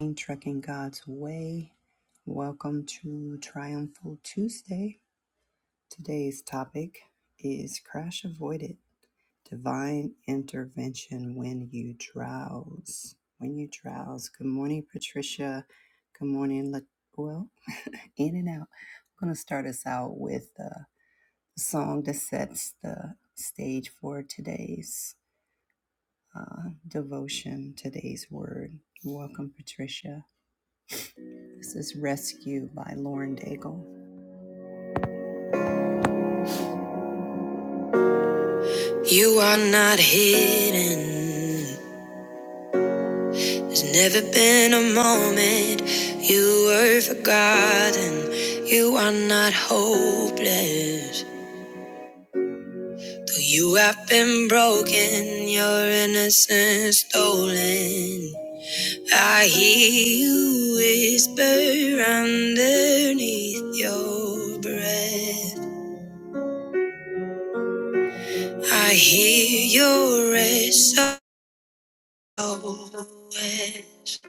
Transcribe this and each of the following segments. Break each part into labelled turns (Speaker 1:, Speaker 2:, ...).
Speaker 1: in Trucking God's Way. Welcome to Triumphal Tuesday. Today's topic is Crash Avoided Divine Intervention When You Drowse. When You Drowse. Good morning, Patricia. Good morning, La- well, in and out. I'm going to start us out with the song that sets the stage for today's uh, devotion, today's word. Welcome, Patricia. This is Rescue by Lauren Daigle. You are not hidden. There's never been a moment you were forgotten. You are not hopeless. Though you have been broken, your innocence stolen. I hear you whisper underneath your breath. I hear your rest. wish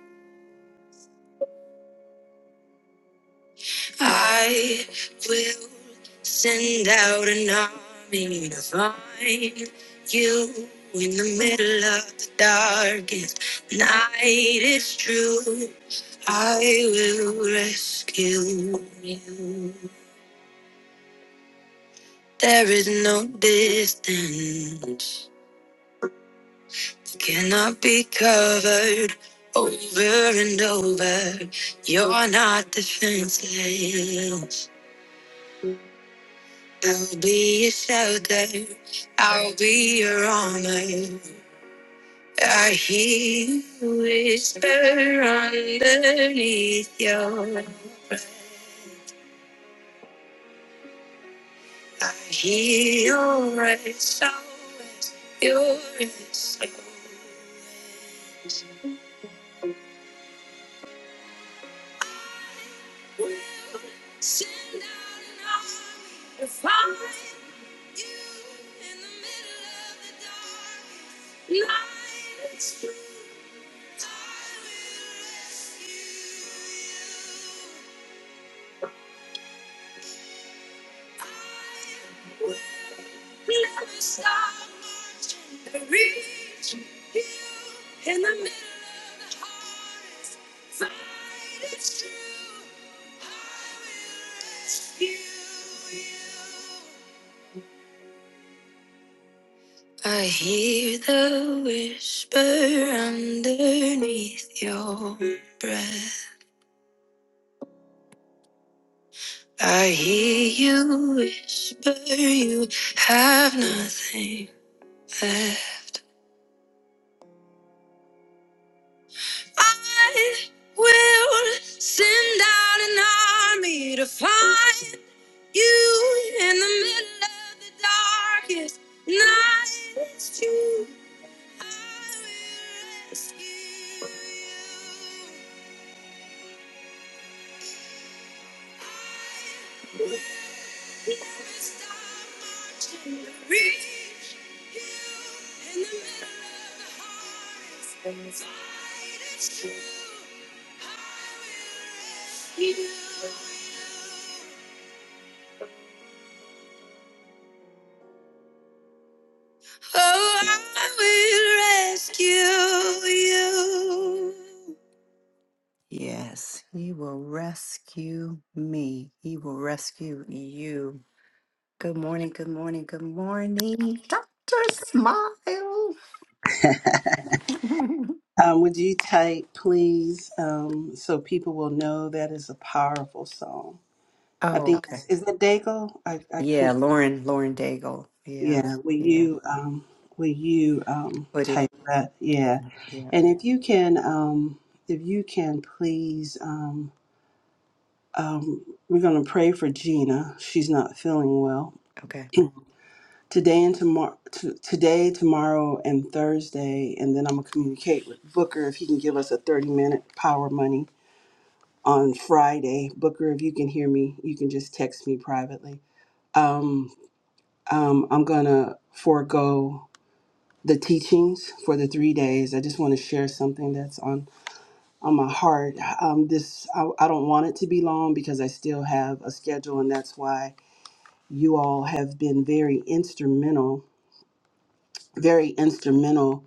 Speaker 1: I will send out an army to find you in the middle of the darkest night. It's true, I will rescue you. There is no distance, cannot be covered over and over. You're not defenseless. I'll be your shelter. I'll be your armor. I hear you whisper underneath your breath. I hear your voice SOS, your SOS. We will stop marching and reach you in the middle of the hardest fight. It's true. I will rescue you. I hear the whisper underneath your breath. I hear you whisper you have nothing left. I will send out an army to find you in the middle of the darkest night. It's true. I will rescue you. Oh, I will rescue you. Yes, he will rescue me. He will rescue you. Good morning, good morning, good morning, Dr. Smile. oh,
Speaker 2: Um, would you type, please, um, so people will know that is a powerful song? I think
Speaker 1: okay.
Speaker 2: it's- is it Dago? I, I
Speaker 1: Yeah,
Speaker 2: can't.
Speaker 1: Lauren, Lauren Daigle. Yeah,
Speaker 2: Yeah. Will
Speaker 1: yeah.
Speaker 2: you um, will you um,
Speaker 1: Put it,
Speaker 2: type that? Yeah.
Speaker 1: yeah, yeah.
Speaker 2: And if you can, um, if you can, please. Um, um, we're gonna pray for Gina. She's not feeling well
Speaker 1: Okay.
Speaker 2: today and tomorrow. T- today, tomorrow, and Thursday, and then I'm gonna communicate with Booker if he can give us a 30 minute power money on Friday. Booker, if you can hear me, you can just text me privately. Um, um, I'm going to forego the teachings for the three days. I just want to share something that's on, on my heart. Um, this I, I don't want it to be long because I still have a schedule, and that's why you all have been very instrumental, very instrumental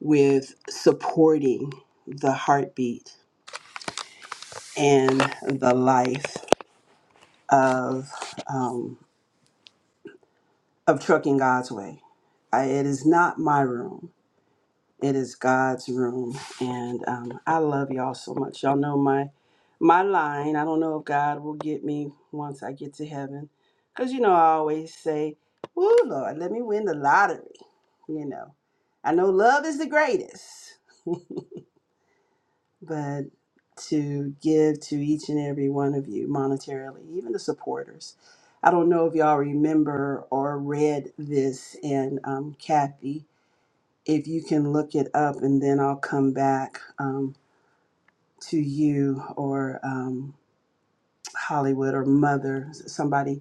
Speaker 2: with supporting the heartbeat and the life of. um, of Trucking God's Way. I, it is not my room, it is God's room. And um, I love y'all so much. Y'all know my my line. I don't know if God will get me once I get to heaven. Because, you know, I always say, "Ooh, Lord, let me win the lottery. You know, I know love is the greatest. but to give to each and every one of you monetarily, even the supporters. I don't know if y'all remember or read this, and um, Kathy, if you can look it up and then I'll come back um, to you or um, Hollywood or Mother, somebody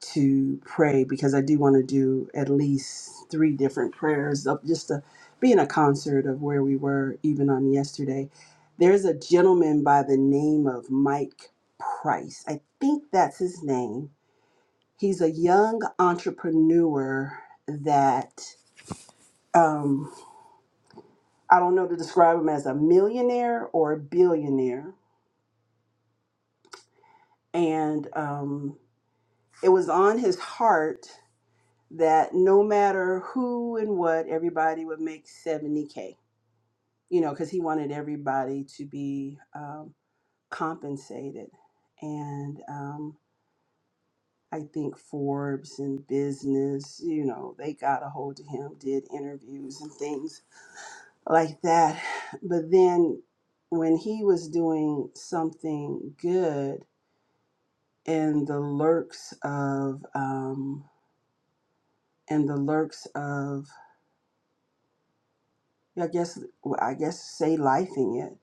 Speaker 2: to pray because I do want to do at least three different prayers of just to be in a concert of where we were even on yesterday. There's a gentleman by the name of Mike Price. I think that's his name. He's a young entrepreneur that um, I don't know to describe him as a millionaire or a billionaire. And um, it was on his heart that no matter who and what, everybody would make 70K, you know, because he wanted everybody to be um, compensated. And um, I think Forbes and business, you know, they got a hold of him, did interviews and things like that. But then when he was doing something good in the lurks of, um, in the lurks of I guess well, I guess say lifing it.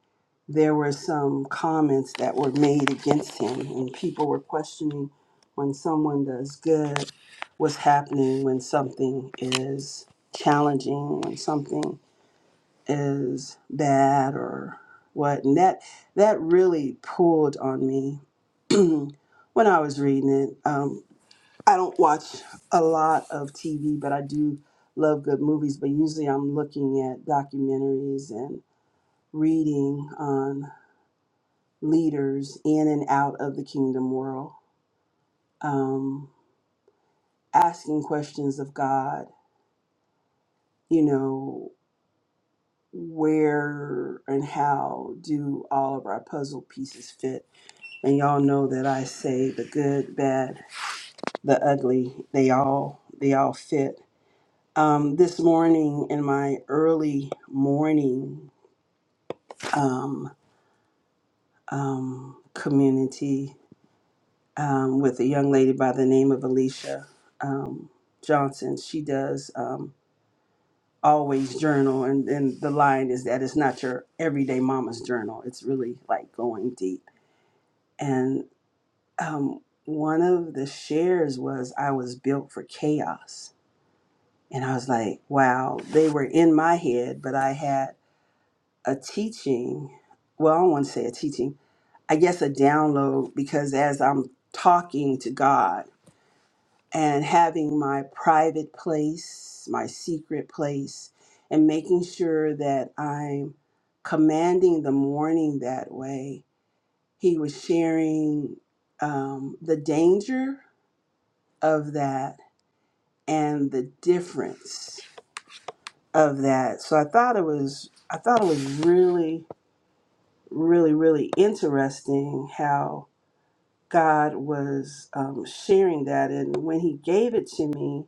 Speaker 2: There were some comments that were made against him, and people were questioning when someone does good, what's happening when something is challenging, when something is bad or what. And that that really pulled on me when I was reading it. Um, I don't watch a lot of TV, but I do love good movies. But usually I'm looking at documentaries and reading on leaders in and out of the kingdom world, um, asking questions of God, you know, where and how do all of our puzzle pieces fit? And y'all know that I say the good, bad, the ugly, they all they all fit Um, this morning, in my early morning um, um, community um, with a young lady by the name of Alicia um, Johnson, she does um, always journal, and, and the line is that it's not your everyday mama's journal. It's really like going deep. And um, one of the shares was, I was built for chaos. And I was like, wow, they were in my head, but I had a teaching. Well, I don't want to say a teaching. I guess a download because as I'm talking to God and having my private place, my secret place, and making sure that I'm commanding the morning that way, He was sharing um, the danger of that and the difference of that. So I thought it was, I thought it was really really, really interesting how God was um, sharing that. And when He gave it to me,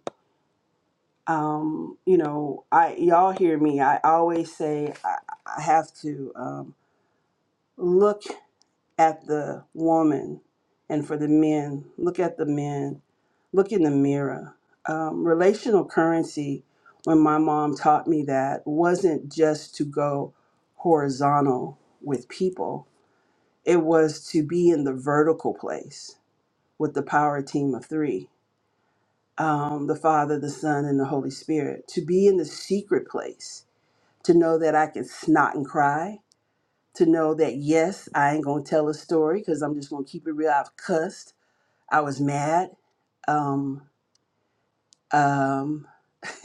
Speaker 2: um, you know, I y'all hear me. I always say I, I have to um, look at the woman, and for the men, look at the men, look in the mirror. Um, relational currency. When my mom taught me that, wasn't just to go horizontal with people it was to be in the vertical place with the power team of three um, the Father, the Son, and the Holy Spirit, to be in the secret place, to know that I can snot and cry, to know that, yes, I ain't gonna tell a story because I'm just gonna keep it real. I've cussed, I was mad, um, um,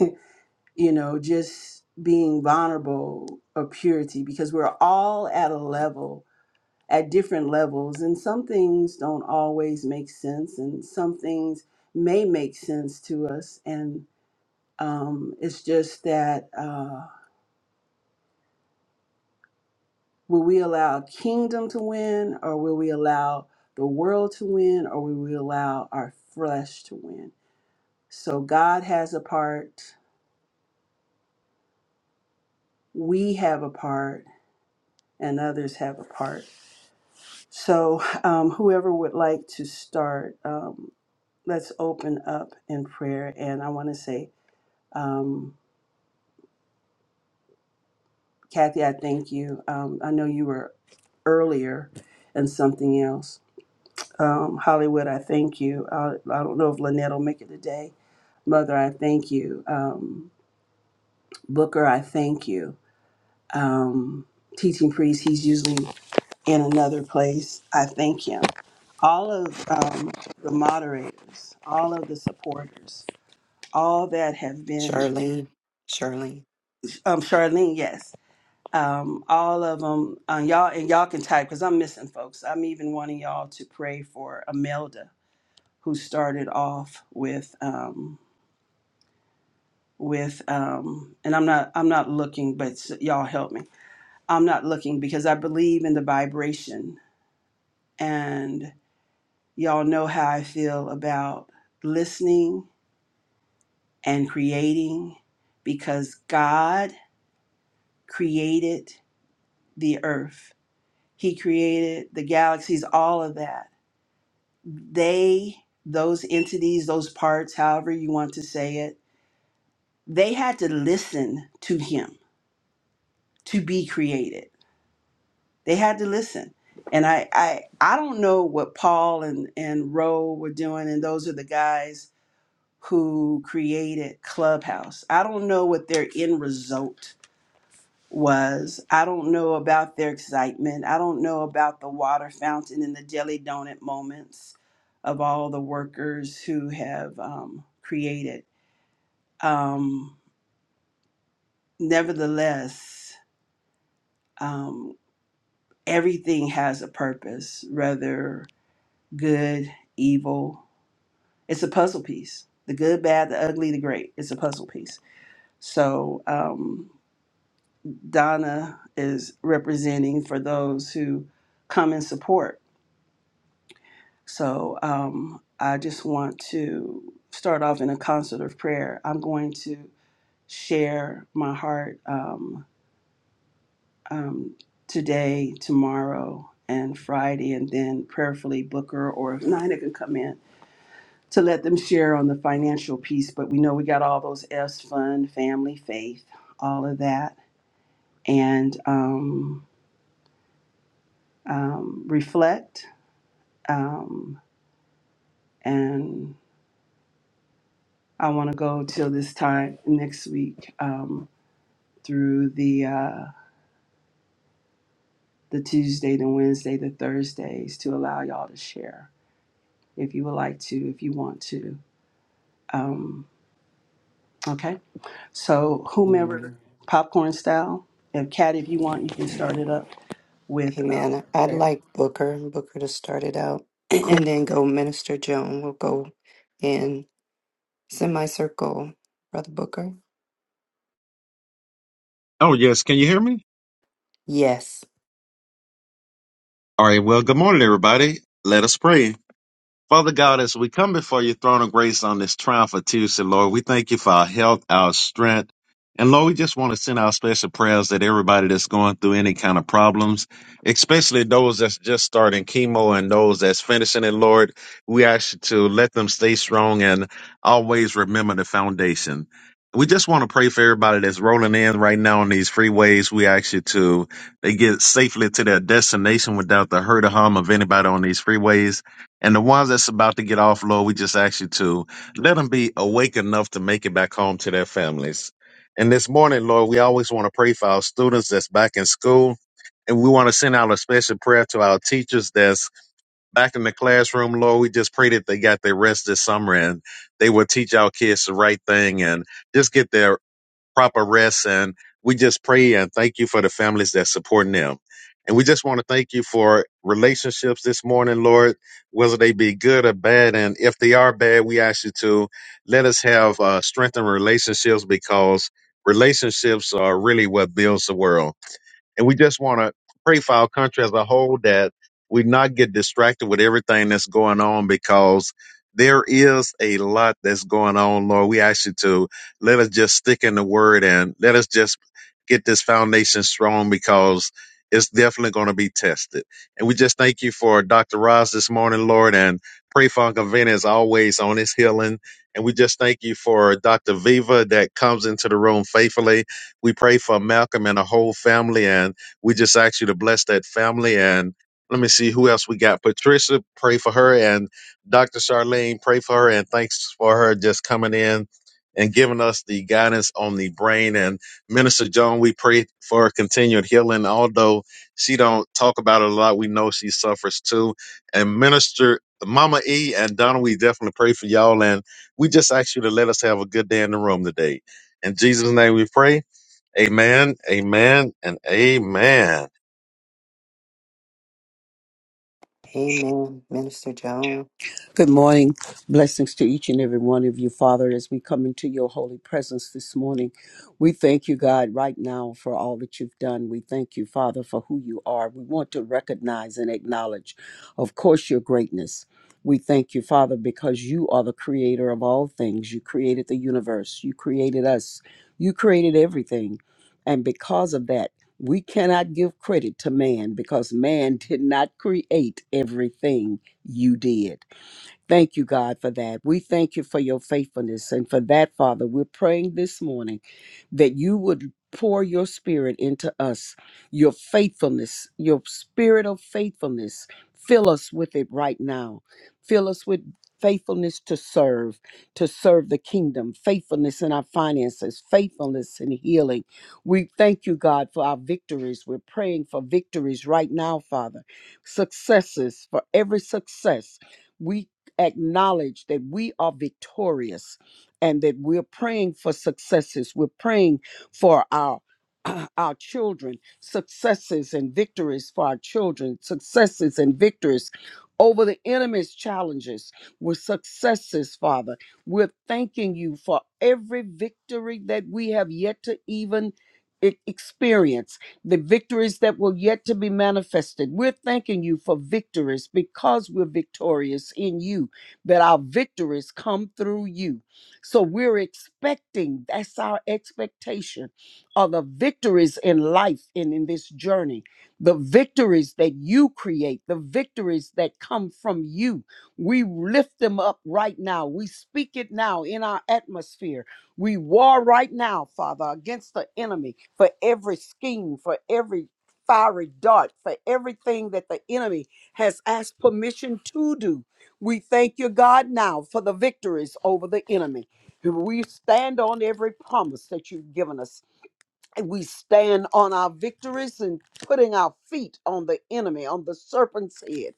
Speaker 2: you know, just being vulnerable of purity because we're all at a level at different levels. And some things don't always make sense, and some things may make sense to us. And um, it's just that uh, will we allow kingdom to win, or will we allow the world to win, or will we allow our flesh to win? So God has a part, we have a part, and others have a part. So um, whoever would like to start, um, let's open up in prayer. And I want to say, Um, Kathy, I thank you. Um, I know you were earlier and something else. Um, Hollywood, I thank you. I, I don't know if Lynette will make it today. Mother, I thank you. Um, Booker, I thank you. Um, teaching priest, he's usually in another place. I thank him. All of um, the moderators, all of the supporters, all that have been,
Speaker 1: Charlene, Charlene.
Speaker 2: um, Charlene, yes um, all of them, uh, y'all, and y'all can type because I'm missing folks. I'm even wanting y'all to pray for Imelda, who started off with um, with, um, and I'm not I'm not looking, but s- y'all help me. I'm not looking because I believe in the vibration, and y'all know how I feel about listening and creating, because God created the earth. He created the galaxies, all of that they, those entities, those parts, however you want to say it, they had to listen to him to be created. They had to listen. And I I, I don't know what Paul and, and Roe were doing, and those are the guys who created Clubhouse. I don't know what their end result was. I don't know about their excitement. I don't know about the water fountain and the jelly donut moments of all the workers who have um, created. Um, nevertheless, um, everything has a purpose, whether good, evil. It's a puzzle piece. The good, bad, the ugly, the great. It's a puzzle piece. So um, Donna is representing for those who come and support So um, I just want to start off in a concert of prayer. I'm going to share my heart um, um, today, tomorrow, and Friday, and then prayerfully Booker or if Nina can come in to let them share on the financial piece. But we know we got all those S fun, family, faith, all of that, and um, um, reflect. Um, and I want to go till this time next week. Um, through the uh, the Tuesday, the Wednesday, the Thursdays to allow y'all to share if you would like to, if you want to. Um, okay, so whomever,
Speaker 1: Amen.
Speaker 2: popcorn style. If Kat, if you want, you can start it up with um,
Speaker 1: Amen. I'd
Speaker 2: prayer.
Speaker 1: like Booker, Booker to start it out
Speaker 2: Cool.
Speaker 1: and then go Minister Joan. We'll go in semicircle, Brother Booker.
Speaker 3: Oh, yes. Can you hear me?
Speaker 1: Yes.
Speaker 3: All right. Well, good morning, everybody. Let us pray. Father God, as we come before your throne of grace on this triumph of Tuesday, Lord, we thank you for our health, our strength. And Lord, we just want to send our special prayers that everybody that's going through any kind of problems, especially those that's just starting chemo and those that's finishing it, Lord, we ask you to let them stay strong and always remember the foundation. We just want to pray for everybody that's rolling in right now on these freeways. We ask you to they get safely to their destination without the hurt or harm of anybody on these freeways. And the ones that's about to get off, Lord, we just ask you to let them be awake enough to make it back home to their families. And this morning, Lord, we always want to pray for our students that's back in school. And we want to send out a special prayer to our teachers that's back in the classroom, Lord. We just pray that they got their rest this summer and they will teach our kids the right thing and just get their proper rest. And we just pray and thank you for the families that's supporting them. And we just want to thank you for relationships this morning, Lord, whether they be good or bad. And if they are bad, we ask you to let us have uh, strengthened relationships because relationships are really what builds the world. And we just want to pray for our country as a whole that we not get distracted with everything that's going on because there is a lot that's going on, Lord. We ask you to let us just stick in the word and let us just get this foundation strong because it's definitely going to be tested. And we just thank you for Dr. Ross this morning, Lord, and pray for Uncle Vinny as always on his healing. And we just thank you for Dr. Viva that comes into the room faithfully we pray for Malcolm and a whole family, and we just ask you to bless that family. And let me see who else we got. Patricia, pray for her, and Dr. Charlene, pray for her, and thanks for her just coming in and giving us the guidance on the brain. And Minister Joan, we pray for continued healing. Although she don't talk about it a lot, we know she suffers too. And Minister Mama E and Donna, we definitely pray for y'all. And we just ask you to let us have a good day in the room today. In Jesus' name we pray. Amen, amen, and amen.
Speaker 1: Amen. Minister Joan.
Speaker 4: Good morning. Blessings to each and every one of you, Father, as we come into your holy presence this morning. We thank you, God, right now for all that you've done. We thank you, Father, for who you are. We want to recognize and acknowledge, of course, your greatness. We thank you, Father, because you are the creator of all things. You created the universe, you created us, you created everything. And because of that, we cannot give credit to man because man did not create everything you did. Thank you, God, for that. We thank you for your faithfulness. And for that, Father, we're praying this morning that you would pour your spirit into us, your faithfulness, your spirit of faithfulness. Fill us with it right now. Fill us with faithfulness to serve, to serve the kingdom, faithfulness in our finances, faithfulness in healing. We thank you, God, for our victories. We're praying for victories right now, Father. Successes, for every success. We acknowledge that we are victorious and that we're praying for successes. We're praying for our uh, our children, successes and victories for our children, successes and victories over the enemy's challenges. We're successes, Father. We're thanking you for every victory that we have yet to even e- experience, the victories that will yet to be manifested. We're thanking you for victories because we're victorious in you that our victories come through you. So we're expecting, that's our expectation, are the victories in life and in this journey, the victories that you create, the victories that come from you. We lift them up right now. We speak it now in our atmosphere. We war right now, Father, against the enemy for every scheme, for every fiery dart, for everything that the enemy has asked permission to do. We thank you, God, now for the victories over the enemy. We stand on every promise that you've given us. And we stand on our victories and putting our feet on the enemy, on the serpent's head.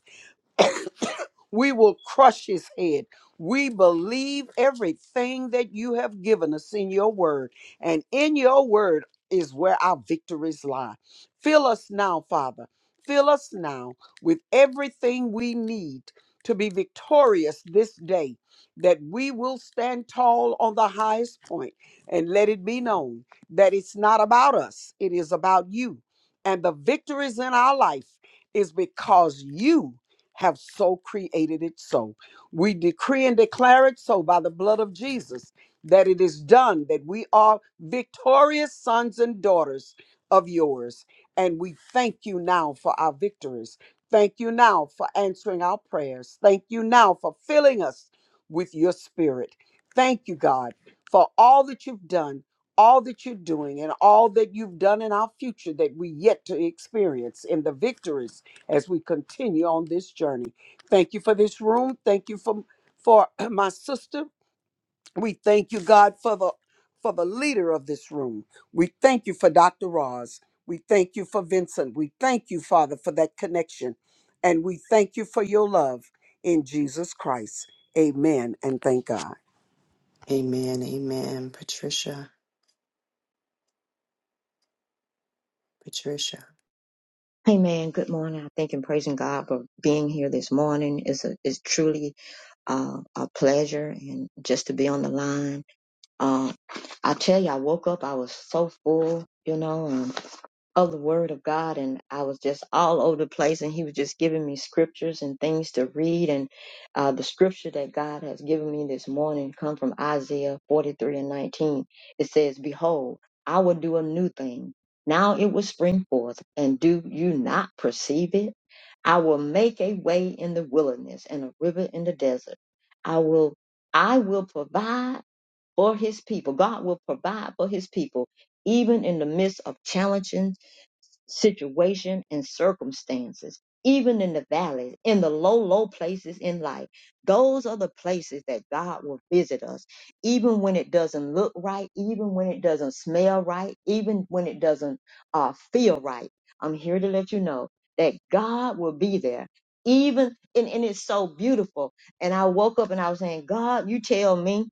Speaker 4: We will crush his head. We believe everything that you have given us in your word, and in your word is where our victories lie. Fill us now, Father. Fill us now with everything we need to be victorious this day, that we will stand tall on the highest point and let it be known that it's not about us, it is about you. And the victories in our life is because you have so created it so. We decree and declare it so by the blood of Jesus that it is done, that we are victorious sons and daughters of yours. And we thank you now for our victories. Thank you now for answering our prayers. Thank you now for filling us with your spirit. Thank you, God, for all that you've done, all that you're doing, and all that you've done in our future that we yet to experience in the victories as we continue on this journey. Thank you for this room. Thank you for for my sister. We thank you, God, for the for the leader of this room. We thank you for Dr. Roz. We thank you for Vincent. We thank you, Father, for that connection. And we thank you for your love in Jesus Christ. Amen. And thank God.
Speaker 1: Amen. Amen. Patricia. Patricia.
Speaker 5: Hey man, good morning. I thank and praising God for being here this morning. It's a it's truly uh, a pleasure and just to be on the line. Uh, I tell you, I woke up, I was so full, you know, of the word of God and I was just all over the place and he was just giving me scriptures and things to read and uh, the scripture that God has given me this morning come from Isaiah 43 and 19. It says, behold, I will do a new thing. Now it will spring forth and do you not perceive it? I will make a way in the wilderness and a river in the desert. I will, I will provide for his people. God will provide for his people even in the midst of challenges situation and circumstances, even in the valleys, in the low, low places in life. Those are the places that God will visit us, even when it doesn't look right, even when it doesn't smell right, even when it doesn't uh, feel right. I'm here to let you know that God will be there. Even and, and it's so beautiful. And I woke up and I was saying, God, you tell me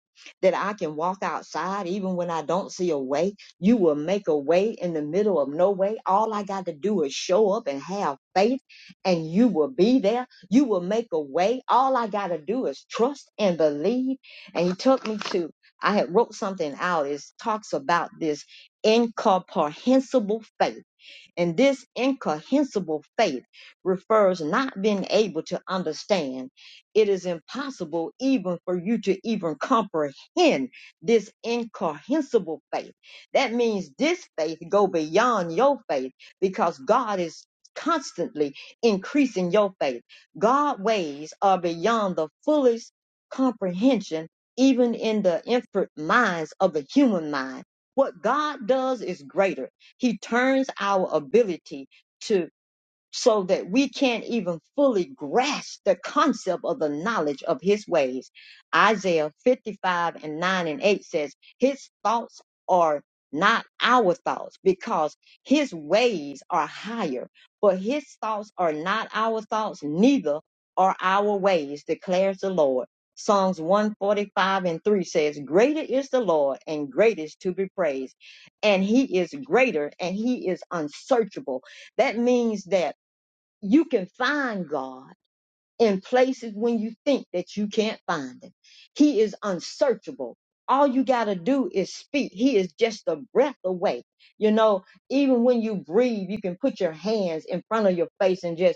Speaker 5: that I can walk outside even when I don't see a way you will make a way in the middle of no way. All I got to do is show up and have faith, and you will be there. You will make a way. All I got to do is trust and believe. And he took me to, I had wrote something out. It talks about this incomprehensible faith and this incomprehensible faith refers not being able to understand. It is impossible even for you to even comprehend this incomprehensible faith. That means this faith go beyond your faith because God is constantly increasing your faith. God ways are beyond the fullest comprehension, even in the infant minds of the human mind. What God does is greater he turns our ability to so that we can't even fully grasp the concept of the knowledge of his ways. Isaiah 55 and 9 and 8 says, His thoughts are not our thoughts because his ways are higher, but his thoughts are not our thoughts, neither are our ways, declares the Lord. Psalms 145 and 3 says, Greater is the Lord and greatest to be praised, and he is greater and he is unsearchable. That means that you can find God in places when you think that you can't find him. He is unsearchable. All you got to do is speak. He is just a breath away. You know, even when you breathe, you can put your hands in front of your face and just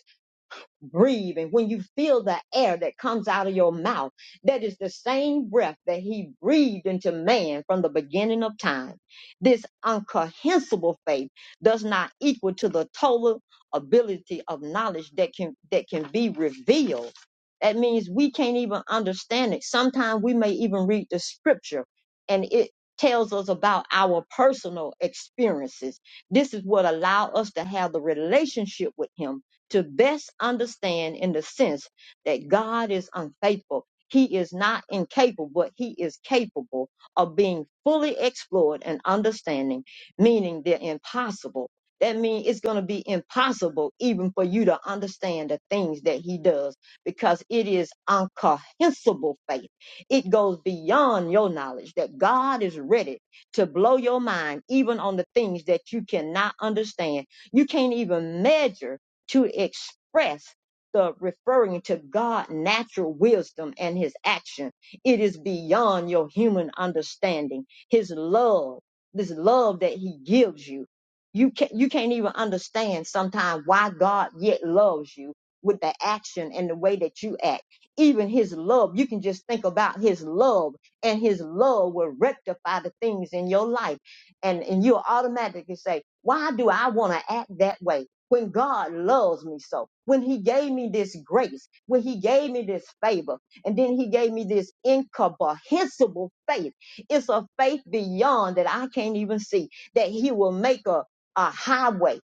Speaker 5: breathe and when you feel the air that comes out of your mouth, that is the same breath that he breathed into man from the beginning of time. This incomprehensible faith does not equal to the total ability of knowledge that can that can be revealed. That means we can't even understand it. Sometimes we may even read the scripture and it tells us about our personal experiences. This is what allow us to have the relationship with him to best understand in the sense that God is unfaithful. He is not incapable, but he is capable of being fully explored and understanding, meaning they're impossible. That means it's going to be impossible even for you to understand the things that he does because it is incomprehensible faith. It goes beyond your knowledge that God is ready to blow your mind even on the things that you cannot understand. You can't even measure to express the referring to God natural wisdom and his action. It is beyond your human understanding. His love, this love that he gives you. You can't you can't even understand sometimes why God yet loves you with the action and the way that you act. Even his love, you can just think about his love and his love will rectify the things in your life. And and you'll automatically say, Why do I want to act that way? when God loves me so, when He gave me this grace, when He gave me this favor, and then He gave me this incomprehensible faith. It's a faith beyond that I can't even see, that He will make a, a highway,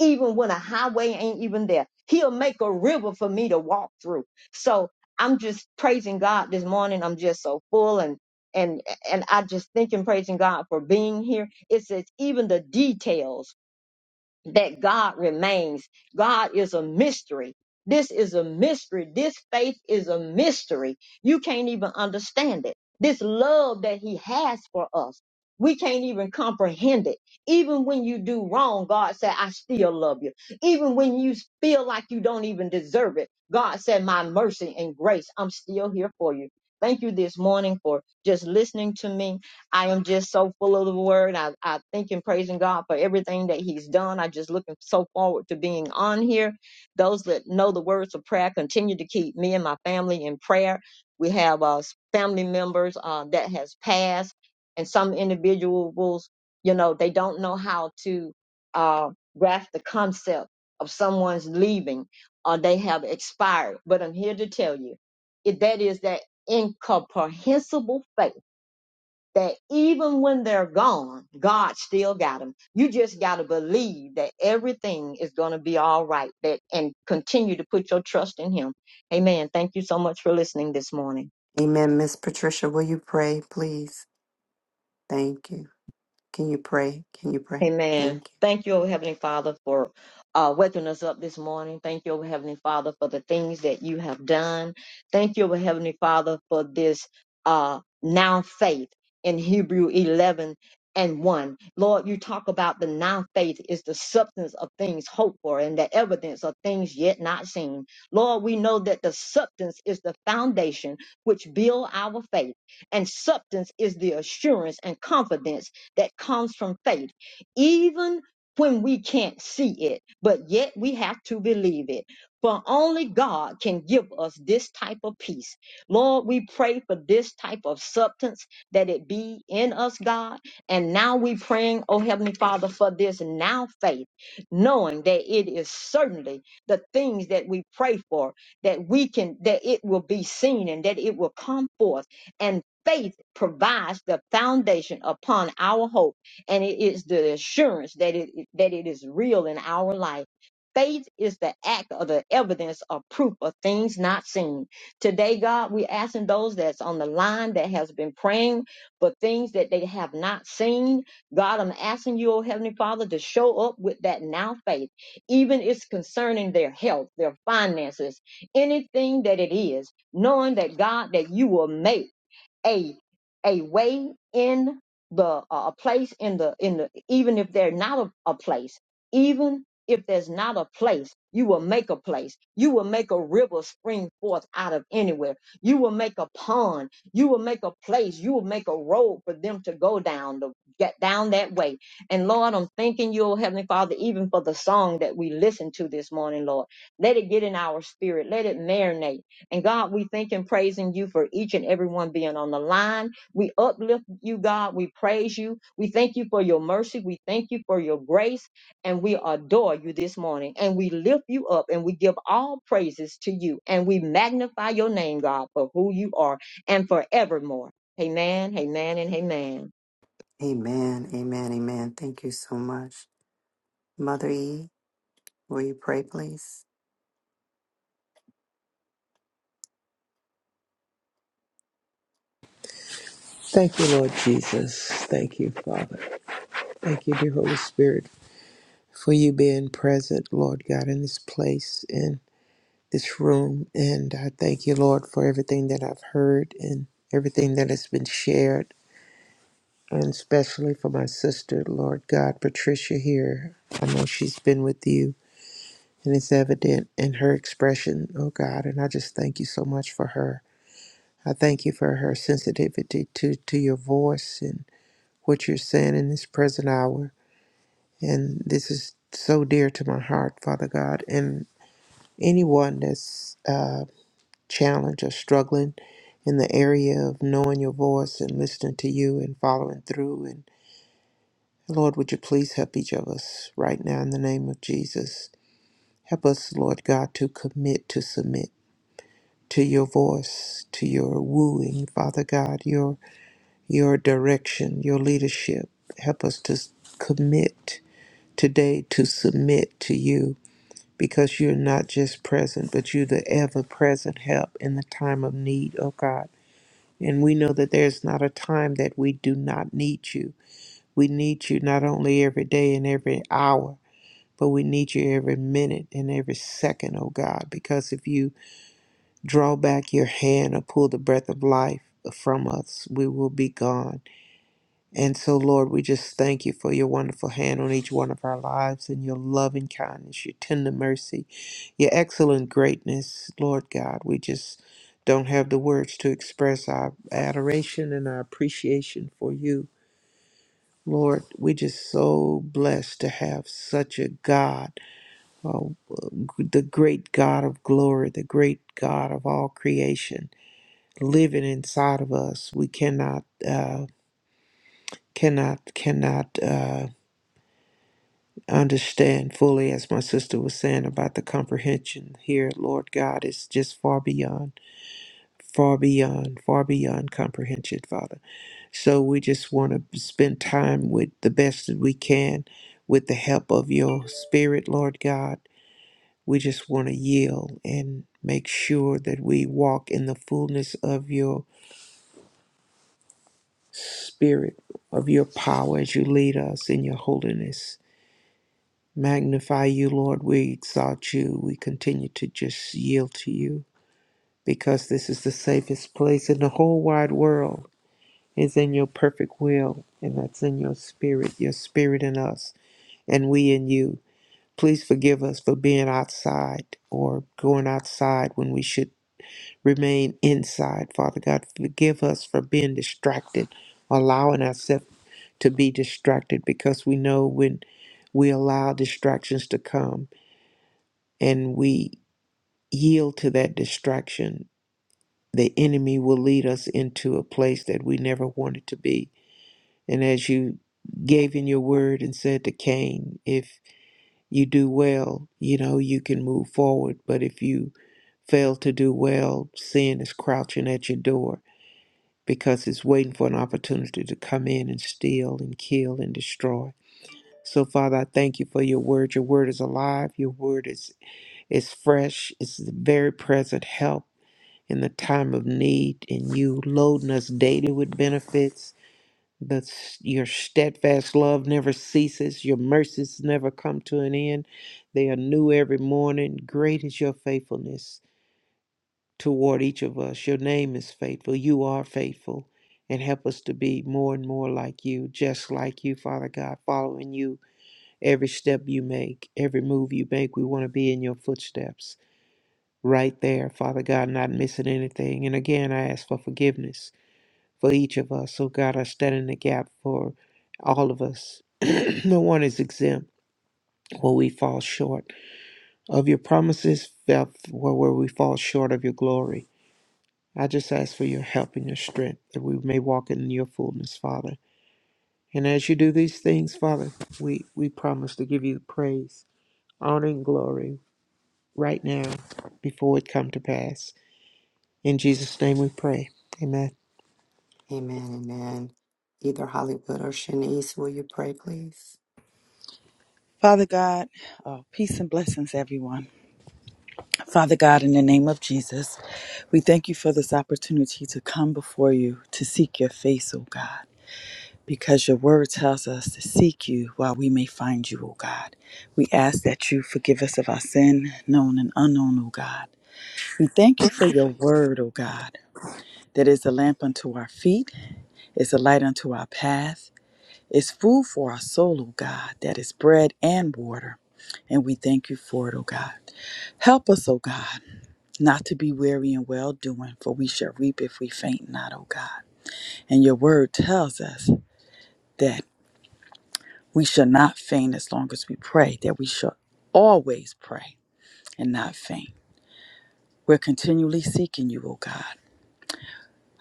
Speaker 5: even when a highway ain't even there. He'll make a river for me to walk through. So I'm just praising God this morning. I'm just so full and and and I just thank and praising God for being here. It says even the details that God remains. God is a mystery. This is a mystery. This faith is a mystery. You can't even understand it. This love that He has for us, we can't even comprehend it. Even when you do wrong, God said, I still love you. Even when you feel like you don't even deserve it, God said, My mercy and grace, I'm still here for you. Thank you this morning for just listening to me I am just so full of the word. I, I thank and praising God for everything that He's done. I just looking so forward to being on here. Those that know the words of prayer continue to keep me and my family in prayer. We have uh, family members uh, that has passed, and some individuals, you know, they don't know how to uh, grasp the concept of someone's leaving or they have expired. But I'm here to tell you, it, that is that incomprehensible faith that even when they're gone, God still got them. You just got to believe that everything is going to be all right that, and continue to put your trust in Him. Amen. Thank you so much for listening this morning.
Speaker 1: Amen. Miss Patricia, will you pray, please? Thank you. Can you pray? Can you pray?
Speaker 5: Amen.
Speaker 1: Thank you.
Speaker 5: Thank you, O Heavenly Father, for uh, waking us up this morning. Thank you, O Heavenly Father, for the things that you have done. Thank you, O Heavenly Father, for this uh, now faith in Hebrew 11 and 1. Lord, you talk about the now faith is the substance of things hoped for and the evidence of things yet not seen. Lord, we know that the substance is the foundation which build our faith, and substance is the assurance and confidence that comes from faith even when we can't see it, but yet we have to believe it. For only God can give us this type of peace. Lord, we pray for this type of substance that it be in us, God. And now we praying, oh Heavenly Father, for this now faith, knowing that it is certainly the things that we pray for, that we can, that it will be seen and that it will come forth. And faith provides the foundation upon our hope and it is the assurance that it that it is real in our life. Faith is the act or the evidence or proof of things not seen. Today, God, we're asking those that's on the line that has been praying for things that they have not seen. God, I'm asking you, oh Heavenly Father, to show up with that now faith, even if it's concerning their health, their finances, anything that it is, knowing that God, that you will make a a way in the uh, a place in the in the even if they're not a, a place even if there's not a place you will make a place you will make a river spring forth out of anywhere you will make a pond you will make a place you will make a road for them to go down to get down that way and lord i'm thanking you oh heavenly father even for the song that we listened to this morning lord let it get in our spirit let it marinate and God, we thank and praising you for each and every one being on the line. We uplift you, God. We praise you. We thank you for your mercy. We thank you for your grace. And we adore you this morning. And we lift you up and we give all praises to you. And we magnify your name, God, for who you are and forevermore. Amen, amen, and amen.
Speaker 1: Amen. Amen. Amen. Thank you so much. Mother E, will you pray, please?
Speaker 6: Thank you, Lord Jesus. Thank you, Father. Thank you, dear Holy Spirit, for you being present, Lord God, in this place, in this room. And I thank you, Lord, for everything that I've heard and everything that has been shared, and especially for my sister, Lord God, Patricia here. I know she's been with you, and it's evident in her expression, oh God. And I just thank you so much for her. I thank you for her sensitivity to, to your voice and what you're saying in this present hour. And this is so dear to my heart, Father God. And anyone that's uh, challenged or struggling in the area of knowing your voice and listening to you and following through. And Lord, would you please help each of us right now in the name of Jesus? Help us, Lord God, to commit to submit to your voice, to your wooing, Father God, your your direction, your leadership. Help us to s- commit today to submit to you because you're not just present, but you're the ever present help in the time of need, oh God. And we know that there's not a time that we do not need you. We need you not only every day and every hour, but we need you every minute and every second, oh God, because if you draw back your hand or pull the breath of life from us, we will be gone. And so, Lord, we just thank you for your wonderful hand on each one of our lives and your loving kindness, your tender mercy, your excellent greatness. Lord God, we just don't have the words to express our adoration and our appreciation for you. Lord, we just so blessed to have such a God, oh, the great God of glory, the great God of all creation, living inside of us. We cannot, uh, cannot, cannot. Uh, I understand fully, as my sister was saying, about the comprehension here, Lord God, is just far beyond, far beyond, far beyond comprehension, Father. So we just want to spend time with the best that we can with the help of your Spirit, Lord God. We just want to yield and make sure that we walk in the fullness of your Spirit, of your power as you lead us in your holiness. magnify you, Lord. We exalt you. We continue to just yield to you because this is the safest place in the whole wide world is in your perfect will, and that's in your spirit, your spirit in us, and we in you. Please forgive us for being outside or going outside when we should remain inside. Father God, forgive us for being distracted, allowing ourselves to be distracted because we know when we allow distractions to come and we yield to that distraction, the enemy will lead us into a place that we never wanted to be. And as you gave in your word and said to Cain, if you do well, you know, you can move forward. But if you fail to do well, sin is crouching at your door because it's waiting for an opportunity to come in and steal and kill and destroy. So Father, I thank you for your word. Your word is alive. Your word is is fresh. It's the very present help in the time of need and you loading us daily with benefits. That your steadfast love never ceases, your mercies never come to an end. They are new every morning. Great is your faithfulness toward each of us. Your name is faithful. You are faithful. And help us to be more and more like you, just like you, Father God, following you every step you make, every move you make. We want to be in your footsteps right there, Father God, not missing anything. And again, I ask for forgiveness for each of us. So, God, I stand in the gap for all of us. no one is exempt where we fall short of your promises, where where we fall short of your glory. I just ask for your help and your strength that we may walk in your fullness, Father. And as you do these things, Father, we, we promise to give you praise, honor, and glory right now before it come to pass. In Jesus' name we pray. Amen.
Speaker 1: Amen. Amen. Either Hollywood or Shanice, will you pray, please?
Speaker 7: Father God, oh, peace and blessings, everyone. Father God, in the name of Jesus, we thank you for this opportunity to come before you to seek your face, O God, because your word tells us to seek you while we may find you, O God. We ask that you forgive us of our sin, known and unknown, O God. We thank you for your word, O God, that is a lamp unto our feet, is a light unto our path. It's food for our soul, O God, that is bread and water. And we thank you for it, O God. Help us, O God, not to be weary in well doing, for we shall reap if we faint not, O God. And your word tells us that we shall not faint as long as we pray, that we shall always pray and not faint. We're continually seeking you, O God.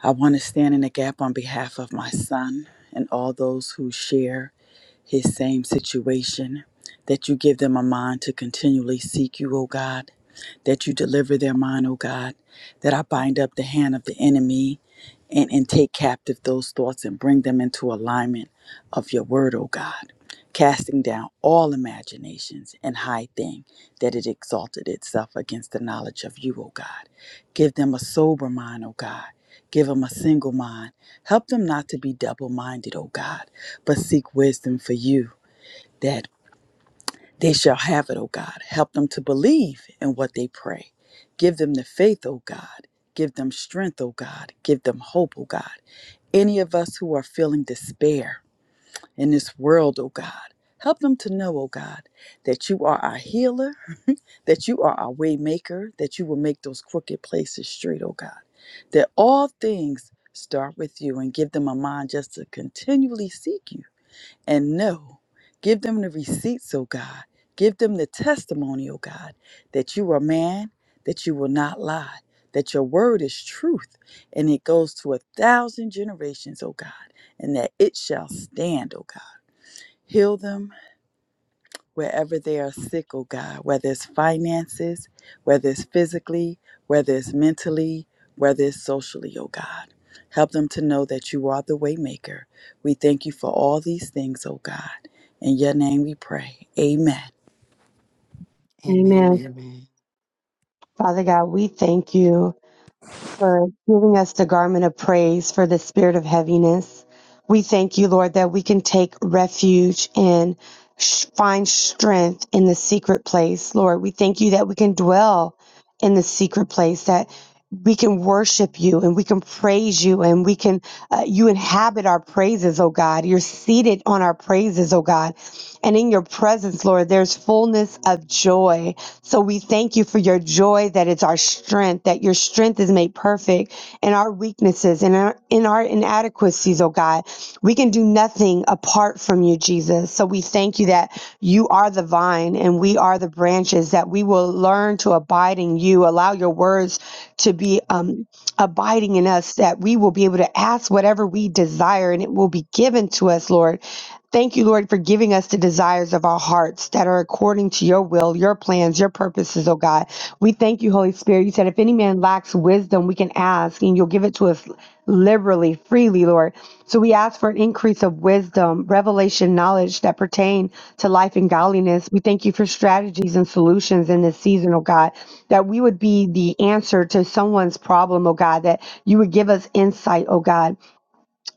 Speaker 7: I want to stand in the gap on behalf of my son and all those who share his same situation, that you give them a mind to continually seek you, O God, that you deliver their mind, O God, that I bind up the hand of the enemy and, and take captive those thoughts and bring them into alignment of your word, O God, casting down all imaginations and high thing that it exalted itself against the knowledge of you, O God. Give them a sober mind, O God. Give them a single mind. Help them not to be double minded, O God, but seek wisdom for you that they shall have it, O God. Help them to believe in what they pray. Give them the faith, O God. Give them strength, O God. Give them hope, O God. Any of us who are feeling despair in this world, O God, help them to know, O God, that you are our healer, that you are our way maker, that you will make those crooked places straight, O God. That all things start with you and give them a mind just to continually seek you and know. Give them the receipts, O God. Give them the testimony, O God, that you are man, that you will not lie, that your word is truth, and it goes to a thousand generations, O God, and that it shall stand, O God. Heal them wherever they are sick, oh God, whether it's finances, whether it's physically, whether it's mentally, whether it's socially, oh God. Help them to know that you are the waymaker. We thank you for all these things, oh God. In your name we pray. Amen.
Speaker 1: Amen.
Speaker 8: Amen.
Speaker 1: Amen.
Speaker 8: Father God, we thank you for giving us the garment of praise for the spirit of heaviness. We thank you, Lord, that we can take refuge and sh- find strength in the secret place, Lord. We thank you that we can dwell in the secret place, that we can worship you and we can praise you and we can, uh, you inhabit our praises, oh God. You're seated on our praises, oh God. And in your presence, Lord, there's fullness of joy. So we thank you for your joy that it's our strength, that your strength is made perfect in our weaknesses and in our, in our inadequacies, oh God. We can do nothing apart from you, Jesus. So we thank you that you are the vine and we are the branches, that we will learn to abide in you, allow your words to be. Um, abiding in us that we will be able to ask whatever we desire and it will be given to us, Lord. Thank you, Lord, for giving us the desires of our hearts that are according to your will, your plans, your purposes, oh God. We thank you, Holy Spirit. You said, if any man lacks wisdom, we can ask and you'll give it to us us liberally, freely, Lord. So we ask for an increase of wisdom, revelation, knowledge that pertain to life and godliness. We thank you for strategies and solutions in this season, oh God, that we would be the answer to someone's problem, oh God, that you would give us insight, oh God.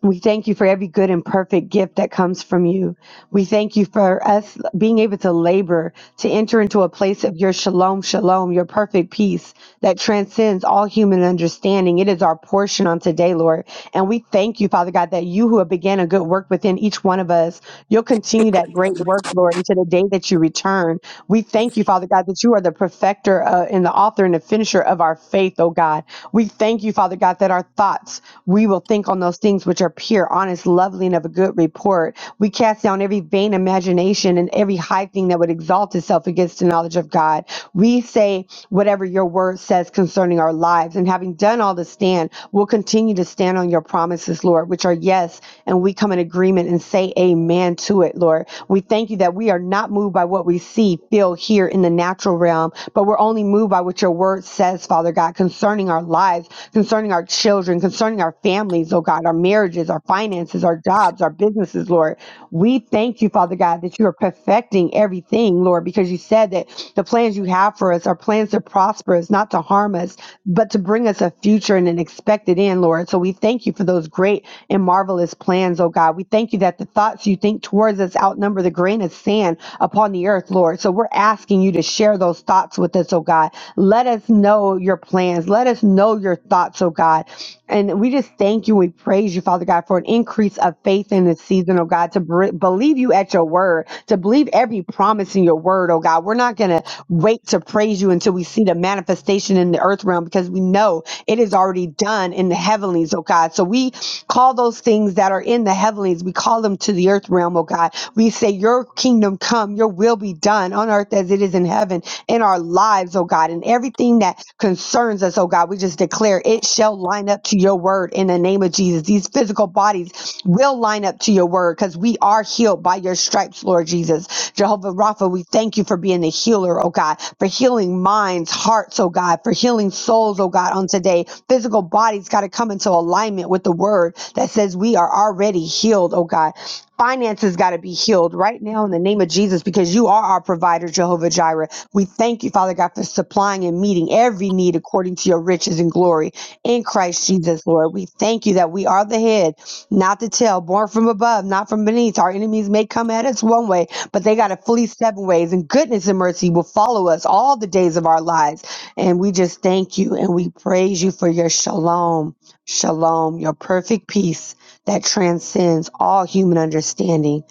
Speaker 8: We thank you for every good and perfect gift that comes from you. We thank you for us being able to labor to enter into a place of your shalom, shalom, your perfect peace that transcends all human understanding. It is our portion on today, Lord. And we thank you, Father God, that you who have began a good work within each one of us, you'll continue that great work, Lord, until the day that you return. We thank you, Father God, that you are the perfecter uh, and the author and the finisher of our faith, oh God. We thank you, Father God, that our thoughts, we will think on those things which are are pure, honest, lovely, and of a good report. We cast down every vain imagination and every high thing that would exalt itself against the knowledge of God. We say whatever your word says concerning our lives. And having done all to stand, we'll continue to stand on your promises, Lord, which are yes. And we come in agreement and say amen to it, Lord. We thank you that we are not moved by what we see, feel, hear in the natural realm, but we're only moved by what your word says, Father God, concerning our lives, concerning our children, concerning our families, oh God, our marriages marriages, our finances, our jobs, our businesses, Lord. We thank you, Father God, that you are perfecting everything, Lord, because you said that the plans you have for us are plans to prosper us, not to harm us, but to bring us a future and an expected end, Lord. So we thank you for those great and marvelous plans, oh God. We thank you that the thoughts you think towards us outnumber the grain of sand upon the earth, Lord. So we're asking you to share those thoughts with us, oh God. Let us know your plans. Let us know your thoughts, oh God. And we just thank you. We praise you, Father God, for an increase of faith in this season, oh God, to br- believe you at your word, to believe every promise in your word, oh God. We're not going to wait to praise you until we see the manifestation in the earth realm because we know it is already done in the heavenlies, oh God. So we call those things that are in the heavenlies, we call them to the earth realm, oh God. We. We say, Your kingdom come, your will be done on earth as it is in heaven, in our lives, oh God, and everything that concerns us, oh God. We just declare it shall line up to your word in the name of Jesus. These physical bodies will line up to your word because we are healed by your stripes, Lord Jesus. Jehovah Rapha, we thank you for being the healer, oh God, for healing minds, hearts, oh God, for healing souls, oh God, on today. Physical bodies got to come into alignment with the word that says we are already healed, oh God. Finances got to be healed right now in the name of Jesus because you are our provider, Jehovah Jireh. We thank you, Father God, for supplying and meeting every need according to your riches and glory in Christ Jesus, Lord. We thank you that we are the head, not the tail, born from above, not from beneath. Our enemies may come at us one way, but they got to flee seven ways, and goodness and mercy will follow us all the days of our lives. And we just thank you and we praise you for your shalom, shalom, your perfect peace that transcends all human understanding.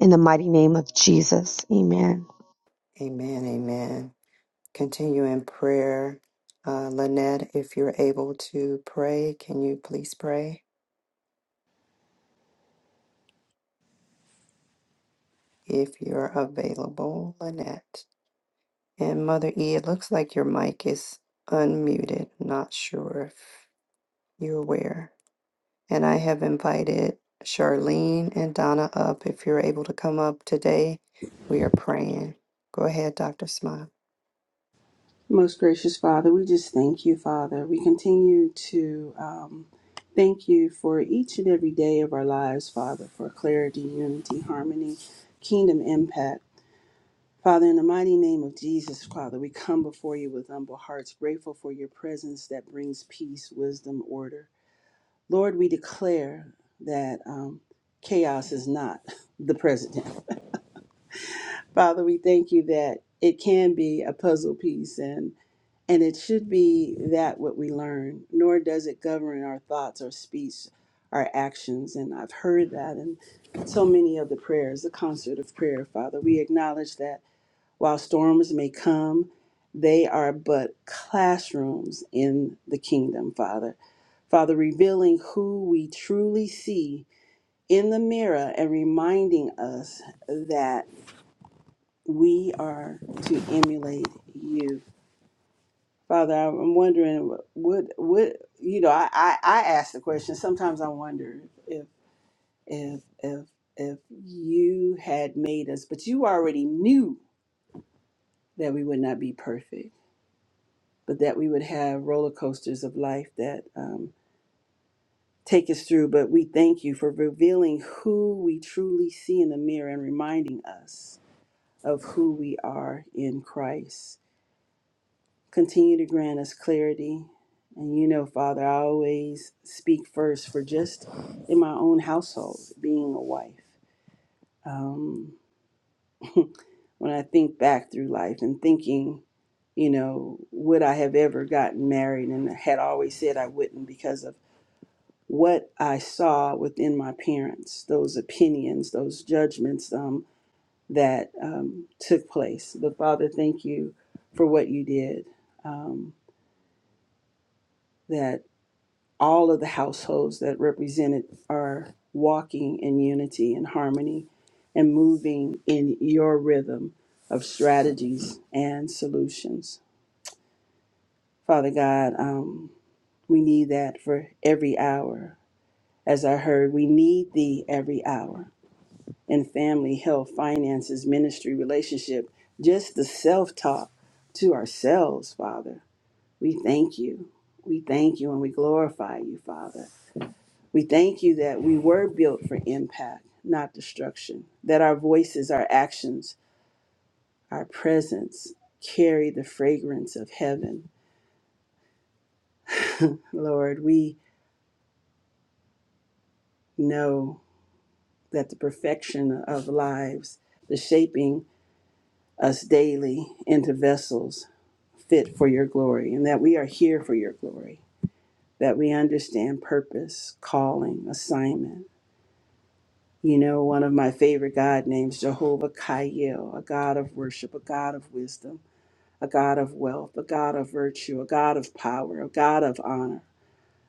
Speaker 8: In the mighty name of Jesus. Amen.
Speaker 1: Amen. Amen. Continue in prayer. Uh, Lynette, if you're able to pray, can you please pray? If you're available, Lynette. And Mother E, it looks like your mic is unmuted. Not sure if you're aware. And I have invited Charlene and Donna up. If you're able to come up today, we are praying. Go ahead, Dr. Smile.
Speaker 2: Most gracious Father, we just thank you, Father. We continue to um, thank you for each and every day of our lives, Father, for clarity, unity, harmony, kingdom impact. Father, in the mighty name of Jesus, Father, we come before you with humble hearts, grateful for your presence that brings peace, wisdom, order. Lord, we declare that um, chaos is not the president. Father, we thank you that it can be a puzzle piece and and it should be that what we learn, nor does it govern our thoughts, our speech, our actions. And I've heard that in so many of the prayers, the concert of prayer, Father. We acknowledge that while storms may come, they are but classrooms in the kingdom, Father. Father, revealing who we truly see in the mirror and reminding us that we are to emulate you. Father, I'm wondering would would you know. I, I I ask the question. Sometimes I wonder if if if if you had made us, but you already knew that we would not be perfect but that we would have roller coasters of life that um, take us through. But we thank you for revealing who we truly see in the mirror and reminding us of who we are in Christ. Continue to grant us clarity. And you know, Father, I always speak first for just in my own household, being a wife. Um, when I think back through life and thinking, you know, would I have ever gotten married and had always said I wouldn't because of what I saw within my parents, those opinions, those judgments um, that um, took place. But Father, thank you for what you did. Um, that all of the households that represented are walking in unity and harmony and moving in your rhythm of strategies and solutions. Father God, um, we need that for every hour. As I heard, we need thee every hour and family, health, finances, ministry, relationship, just the self talk to ourselves, Father. We thank you. We thank you and we glorify you, Father. We thank you that we were built for impact, not destruction, that our voices, our actions, our presence carry the fragrance of heaven. Lord, we know that the perfection of lives, the shaping us daily into vessels fit for your glory and that we are here for your glory, that we understand purpose, calling, assignment. You know, one of my favorite God names, Jehovah Kael, a God of worship, a God of wisdom, a God of wealth, a God of virtue, a God of power, a God of honor,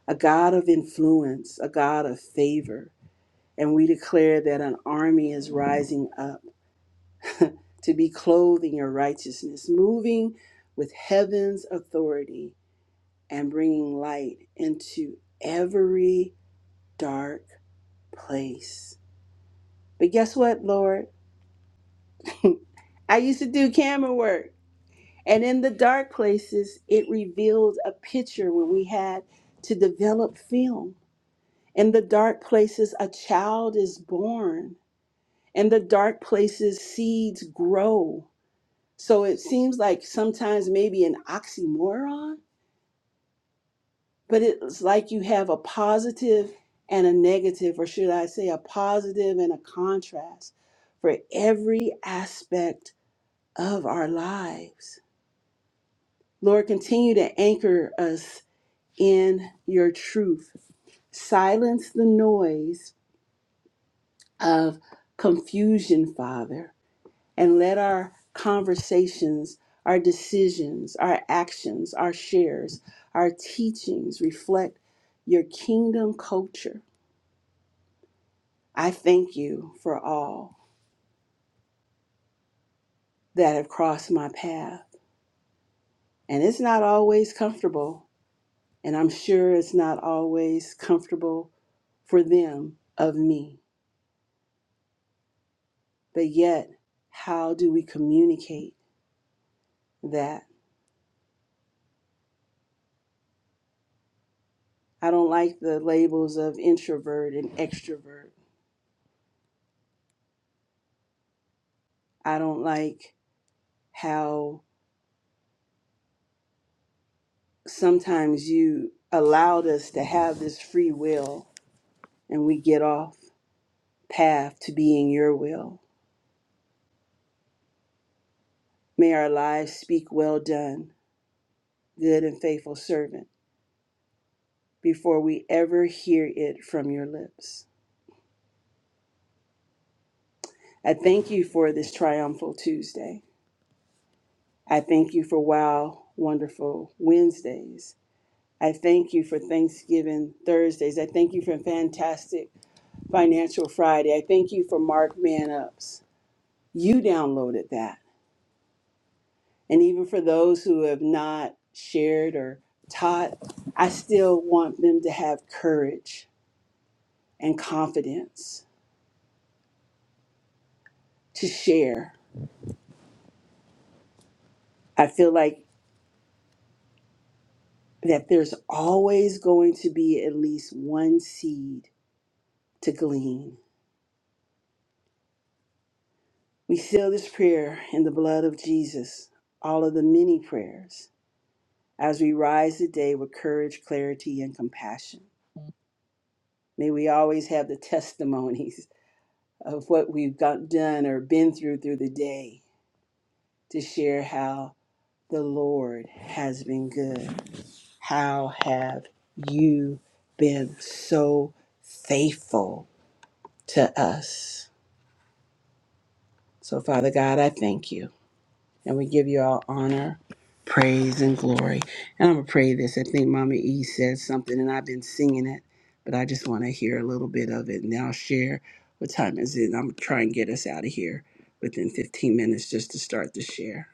Speaker 2: a God of influence, a God of favor. And we declare that an army is rising up to be clothed in your righteousness, moving with heaven's authority and bringing light into every dark place. But guess what, Lord? I used to do camera work. And in the dark places, it revealed a picture when we had to develop film. In the dark places, a child is born. In the dark places, seeds grow. So it seems like sometimes maybe an oxymoron but it's like you have a positive and a negative, or should I say, a positive and a contrast for every aspect of our lives. Lord, continue to anchor us in your truth. Silence the noise of confusion, Father, and let our conversations, our decisions, our actions, our shares, our teachings reflect your kingdom culture I thank you for all that have crossed my path. And it's not always comfortable, and I'm sure it's not always comfortable for them of me. But yet, how do we communicate that? I don't like the labels of introvert and extrovert. I don't like how sometimes you allowed us to have this free will and we get off path to being your will. May our lives speak well done good and faithful servant, before we ever hear it from your lips. I thank you for this triumphal Tuesday. I thank you for wow, wonderful Wednesdays. I thank you for Thanksgiving Thursdays. I thank you for fantastic Financial Friday. I thank you for Mark Man Ups. You downloaded that. And even for those who have not shared or taught, I still want them to have courage and confidence to share I feel like that there's always going to be at least one seed to glean. We seal this prayer in the blood of Jesus, all of the many prayers, as we rise today with courage, clarity, and compassion. May we always have the testimonies of what we've got done or been through through the day to share how the Lord has been good. How have you been so faithful? to us. So, Father God, I thank you. And we give you all honor, praise, and glory. And I'm going to pray this. I think Mama E said something, and I've been singing it, but I just want to hear a little bit of it. And I'll share what time is it. And I'm going to try and get us out of here within 15 minutes just to start the share.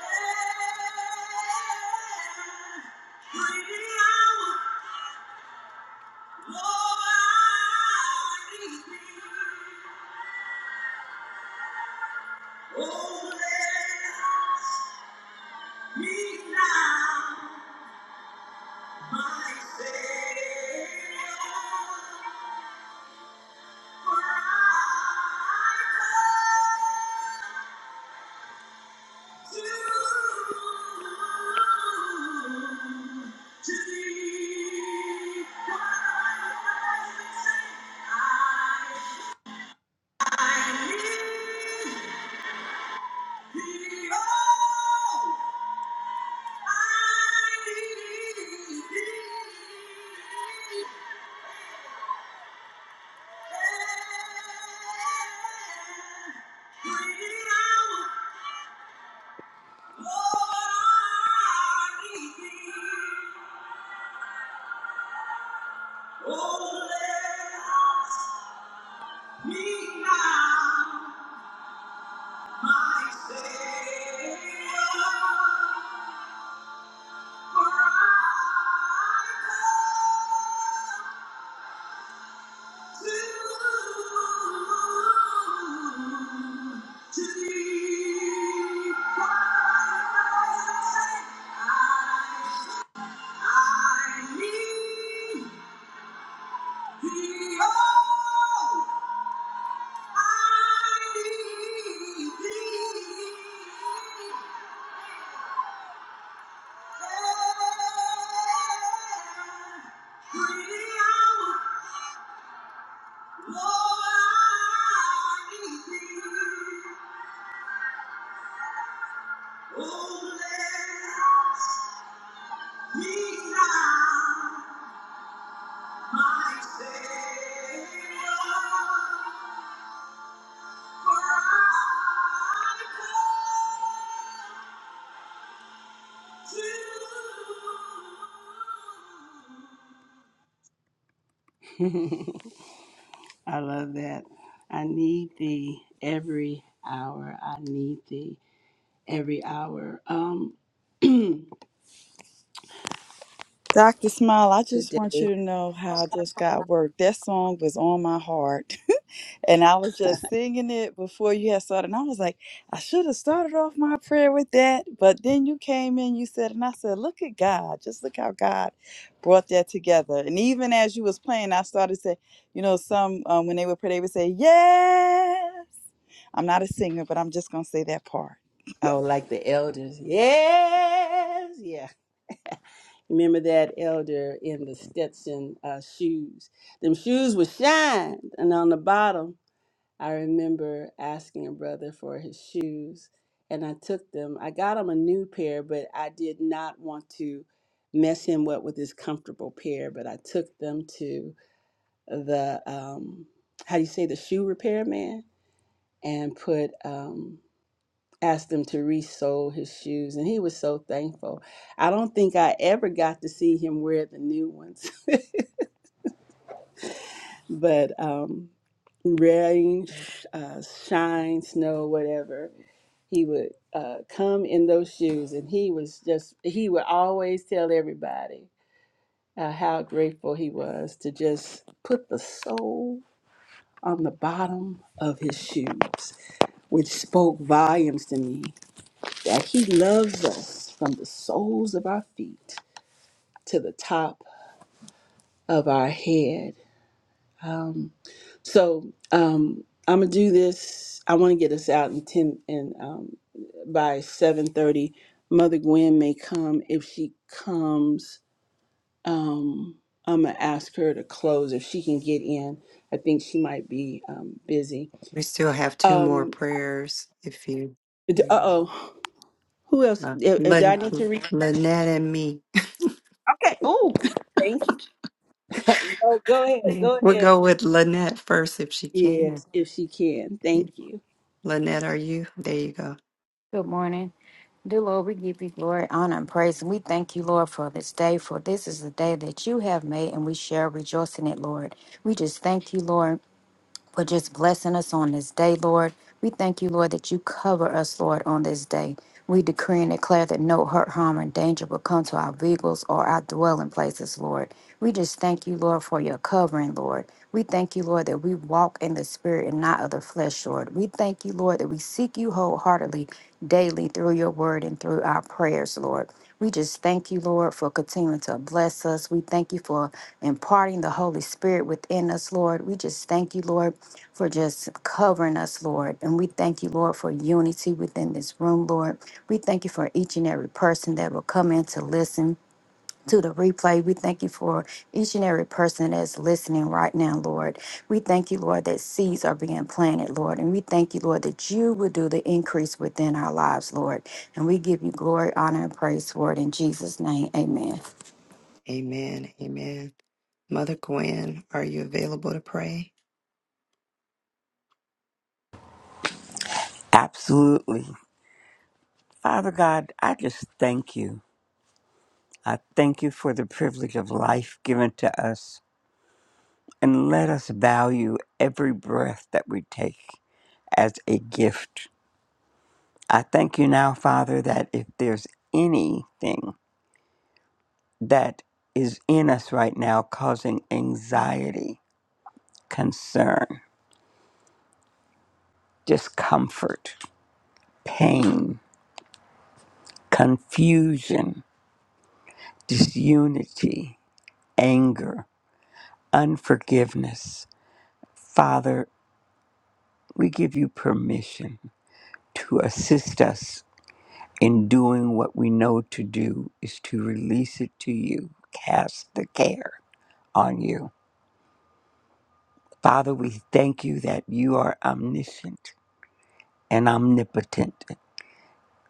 Speaker 2: Thank you. Oh, Me now, my Savior, for I come to, to thee. I, I need thee, oh, I need thee. I love that. I need thee every hour. I need thee. every hour. Um, today,
Speaker 7: Dr. Smile, I just want you to know how I just got work. That song was on my heart. And I was just singing it before you had started. And I was like, I should have started off my prayer with that. But then you came in, you said, and I said, look at God. Just look how God brought that together. And even as you was playing, I started to, say, you know, some, um, when they would pray, they would say, yes. I'm not a singer, but I'm just going to say that part.
Speaker 2: I would like the elders. Yes, yeah. Remember that elder in the Stetson uh, shoes. Them shoes were shined, and on the bottom, I remember asking a brother for his shoes, and I took them. I got him a new pair, but I did not want to mess him up with his comfortable pair. But I took them to the um, how do you say the shoe repair man? and put um asked them to re-sole his shoes and he was so thankful i don't think i ever got to see him wear the new ones but um rain sh- uh, shine snow whatever he would uh, come in those shoes and he was just he would always tell everybody uh, how grateful he was to just put the sole on the bottom of his shoes which spoke volumes to me that He loves us from the soles of our feet to the top of our head. Um, so um, I'm gonna do this. I want to get us out in ten and um, by seven thirty. Mother Gwen may come. If she comes, um, I'm gonna ask her to close if she can get in. I think she might be um, busy.
Speaker 1: We still have two more
Speaker 2: Um,
Speaker 1: prayers if you.
Speaker 2: uh
Speaker 1: Mm,
Speaker 2: oh, who else?
Speaker 1: Uh,
Speaker 2: Uh, uh, Did I
Speaker 1: Lyn-
Speaker 2: need to read?
Speaker 1: Lynette and me.
Speaker 2: Okay. Oh, thank you. go, go ahead. Go
Speaker 1: We'll
Speaker 2: ahead.
Speaker 1: go with Lynette first if she can.
Speaker 2: Yes, if she can.
Speaker 1: Yeah.
Speaker 2: Thank you.
Speaker 1: Lynette, are you? There you go.
Speaker 9: Good morning. Dear Lord, we give you glory, honor, and praise. And we thank you, Lord, for this day, for this is the day that you have made, and we shall rejoice in it, Lord. We just thank you, Lord for just blessing us on this day, Lord. We thank you, Lord, that you cover us, Lord, on this day. We decree and declare that no hurt, harm, or danger will come to our vehicles or our dwelling places, Lord. We just thank you, Lord, for your covering, Lord. We thank you, Lord, that we walk in the spirit and not of the flesh, Lord. We thank you, Lord, that we seek you wholeheartedly daily through your word and through our prayers, Lord. We just thank you, Lord, for continuing to bless us. We thank you for imparting the Holy Spirit within us, Lord. We just thank you, Lord, for just covering us, Lord. And we thank you, Lord, for unity within this room, Lord. We thank you for each and every person that will come in to listen to the replay. We thank you for each and every person that's listening right now, Lord. We thank you, Lord, that seeds are being planted, Lord. And we thank you, Lord, that you will do the increase within our lives, Lord. And we give you glory, honor, and praise for it in Jesus' name. Amen.
Speaker 1: Amen. Amen. Mother Gwen, are you available to pray?
Speaker 10: Absolutely. Father God, I just thank you. I thank you for the privilege of life given to us. And let us value every breath that we take as a gift. I thank you now, Father, that if there's anything that is in us right now causing anxiety, concern, discomfort, pain, confusion, disunity, anger, unforgiveness, Father, we give you permission to assist us in doing what we know to do is to release it to you, cast the care on you. Father, we thank you that you are omniscient and omnipotent.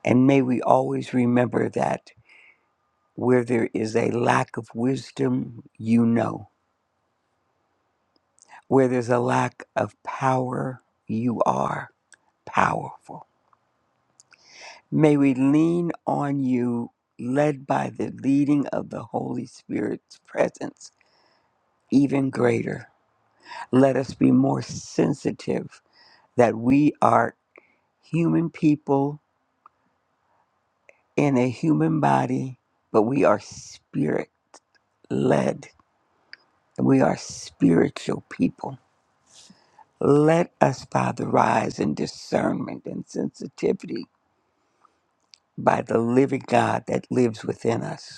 Speaker 10: And may we always remember that where there is a lack of wisdom, you know. Where there's a lack of power, you are powerful. May we lean on you, led by the leading of the Holy Spirit's presence, even greater. Let us be more sensitive that we are human people in a human body, but we are spirit led. We are spiritual people. Let us, Father, rise in discernment and sensitivity by the living God that lives within us.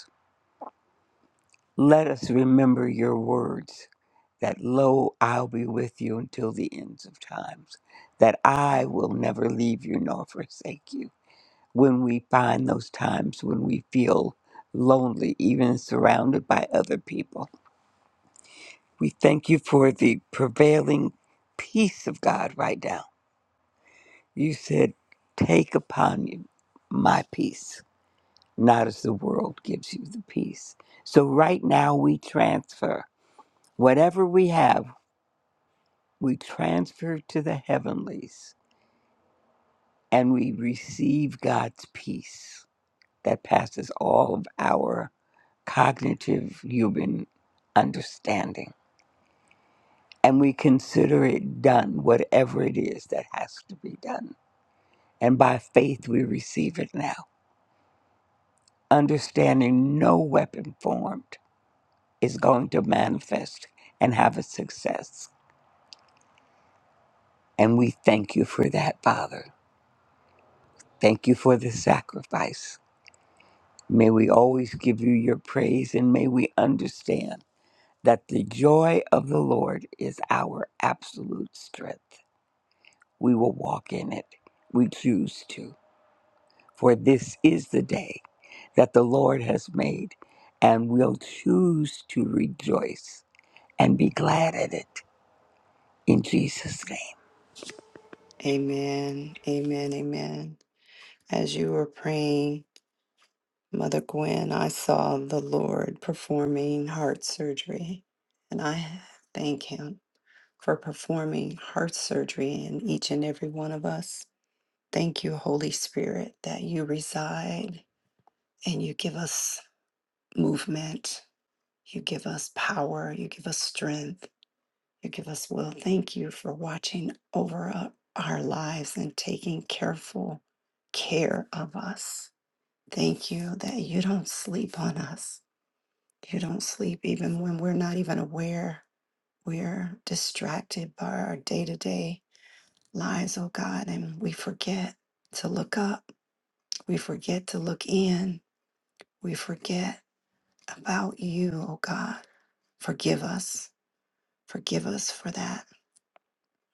Speaker 10: Let us remember your words that lo, I'll be with you until the ends of times, that I will never leave you nor forsake you. When we find those times when we feel lonely, even surrounded by other people, we thank you for the prevailing peace of God right now. You said, Take upon you my peace, not as the world gives you the peace. So right now we transfer whatever we have we transfer to the heavenlies and we receive God's peace that passes all of our cognitive human understanding. And we consider it done, whatever it is that has to be done. And by faith, we receive it now, understanding no weapon formed is going to manifest and have a success. And we thank you for that, Father. Thank you for the sacrifice May we always give you your praise and may we understand that the joy of the Lord is our absolute strength. We will walk in it. We choose to. For this is the day that the Lord has made, and we'll choose to rejoice and be glad at it in Jesus' name.
Speaker 1: Amen. Amen. Amen. As you were praying, Mother Gwen, I saw the Lord performing heart surgery, and I thank Him for performing heart surgery in each and every one of us. Thank you, Holy Spirit, that you reside and you give us movement, you give us power, you give us strength, you give us will. Thank you for watching over o- our lives and taking careful care of us. Thank you that you don't sleep on us You don't sleep even when we're not even aware. We're distracted by our day to day lives, oh God, and we forget to look up. We forget to look in. We forget about you, oh God. Forgive us. Forgive us for that.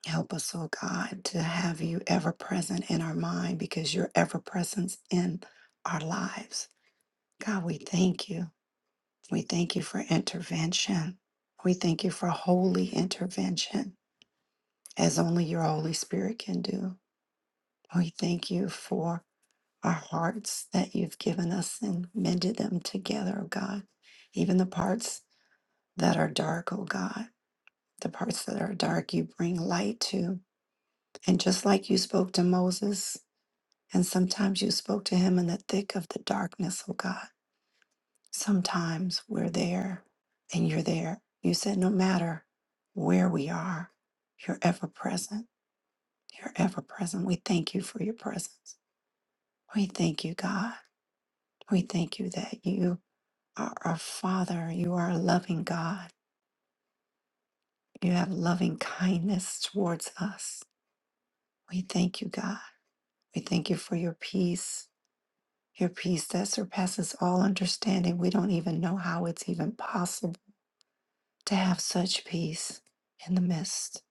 Speaker 1: Help us, oh God, to have you ever present in our mind because your ever presence in our lives. God, we thank you. We thank you for intervention. We thank you for holy intervention. as only your Holy Spirit can do. We thank you for our hearts that you've given us and mended them together, oh God. Even the parts that are dark, oh God, the parts that are dark, you bring light to. And just like you spoke to Moses, and sometimes you spoke to him in the thick of the darkness, oh God, sometimes we're there and you're there. You said, no matter where we are, you're ever present. You're ever present. We thank you for your presence. We thank you, God. We thank you that you are our Father. You are a loving God. You have loving kindness towards us. We thank you, God. We thank you for your peace, your peace that surpasses all understanding. We don't even know how it's even possible to have such peace in the midst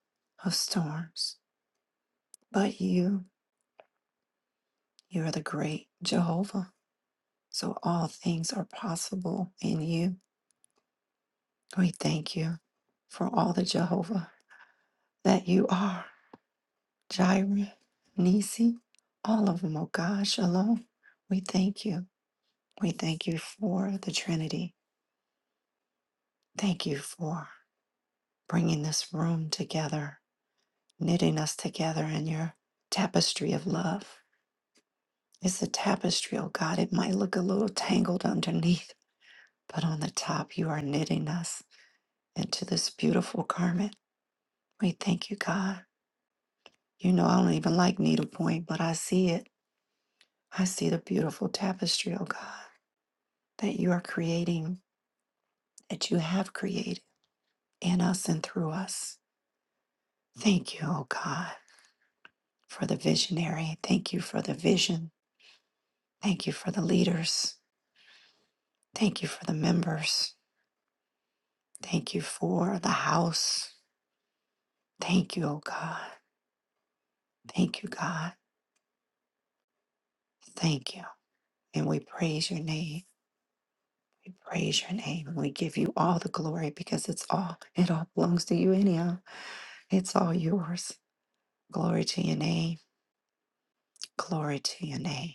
Speaker 1: of storms. But you, you are the great Jehovah. So all things are possible in you. We thank you for all the Jehovah that you are Jireh, Nisi, all of them, oh God, Shalom. We thank you. We thank you for the Trinity. Thank you for bringing this room together, knitting us together in your tapestry of love. It's a tapestry, oh God. It might look a little tangled underneath, but on the top, you are knitting us into this beautiful garment. We thank you, God. You know, I don't even like needlepoint, but I see it. I see the beautiful tapestry, oh God. that you are creating, that you have created in us and through us. Thank you, oh God, for the visionary. Thank you for the vision. Thank you for the leaders. Thank you for the members. Thank you for the house. Thank you, oh God. Thank you, God. Thank you. And we praise your name. We praise your name. And we give you all the glory because it's all, it all belongs to you anyhow. It's all yours. Glory to your name. Glory to your name.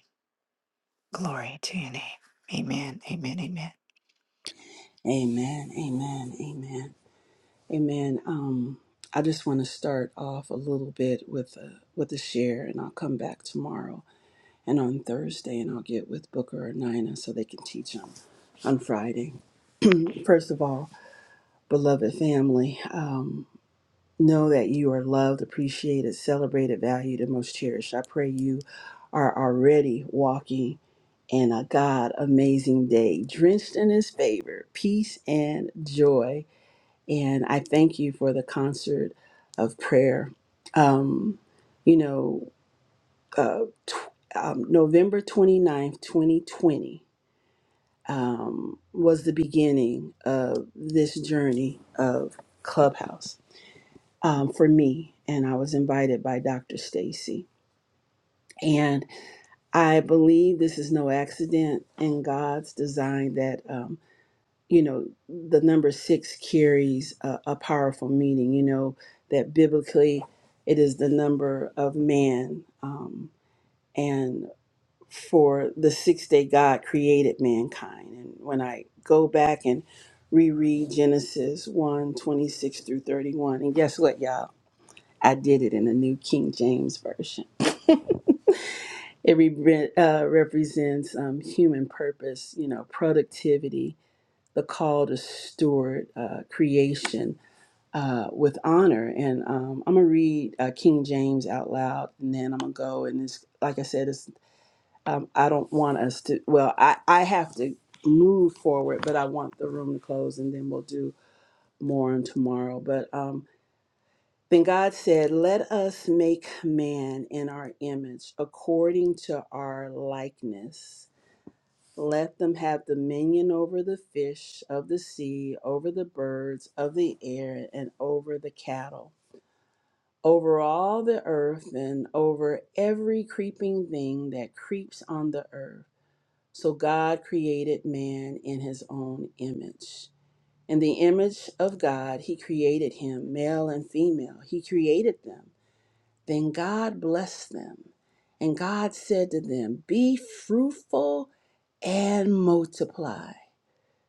Speaker 1: Glory to your name. Amen. Amen. Amen.
Speaker 2: Amen. Amen. Amen. Amen. Um, I just want to start off a little bit with a with a share, and I'll come back tomorrow and on Thursday, and I'll get with Booker or Nina so they can teach them on Friday. First of all, beloved family. Um. Know that you are loved, appreciated, celebrated, valued, and most cherished. I pray you are already walking in a God amazing day, drenched in His favor, peace, and joy. And I thank you for the concert of prayer. Um, you know, uh, tw- um, November 29th, 2020 um, was the beginning of this journey of Clubhouse um, for me, and I was invited by Dr. Stacy. And I believe this is no accident in God's design that, um, you know, the number six carries a, a powerful meaning, you know, that biblically it is the number of man. Um, and for the sixth day, God created mankind. And when I go back and reread Genesis 1 twenty-six through 31, and guess what, y'all? I did it in the New King James Version. It re- uh, represents um, human purpose, you know, productivity, the call to steward uh, creation uh, with honor. And um, I'm gonna read uh, King James out loud, and then I'm gonna go. And it's like I said, it's um, I don't want us to. Well, I I have to move forward, but I want the room to close, and then we'll do more on tomorrow. But um, then God said, Let us make man in our image, according to our likeness. Let them have dominion over the fish of the sea, over the birds of the air, and over the cattle, over all the earth, and over every creeping thing that creeps on the earth. So God created man in his own image. In the image of God, he created him, male and female. He created them then God blessed them, and God said to them, Be fruitful and multiply,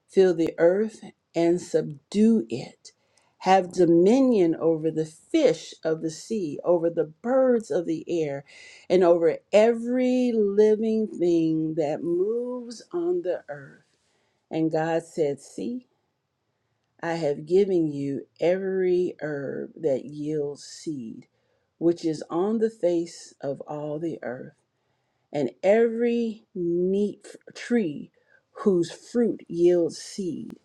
Speaker 2: fill the earth and subdue it, have dominion over the fish of the sea, over the birds of the air, and over every living thing that moves on the earth. And God said, See, I have given you every herb that yields seed, which is on the face of all the earth, and every neat f- tree whose fruit yields seed.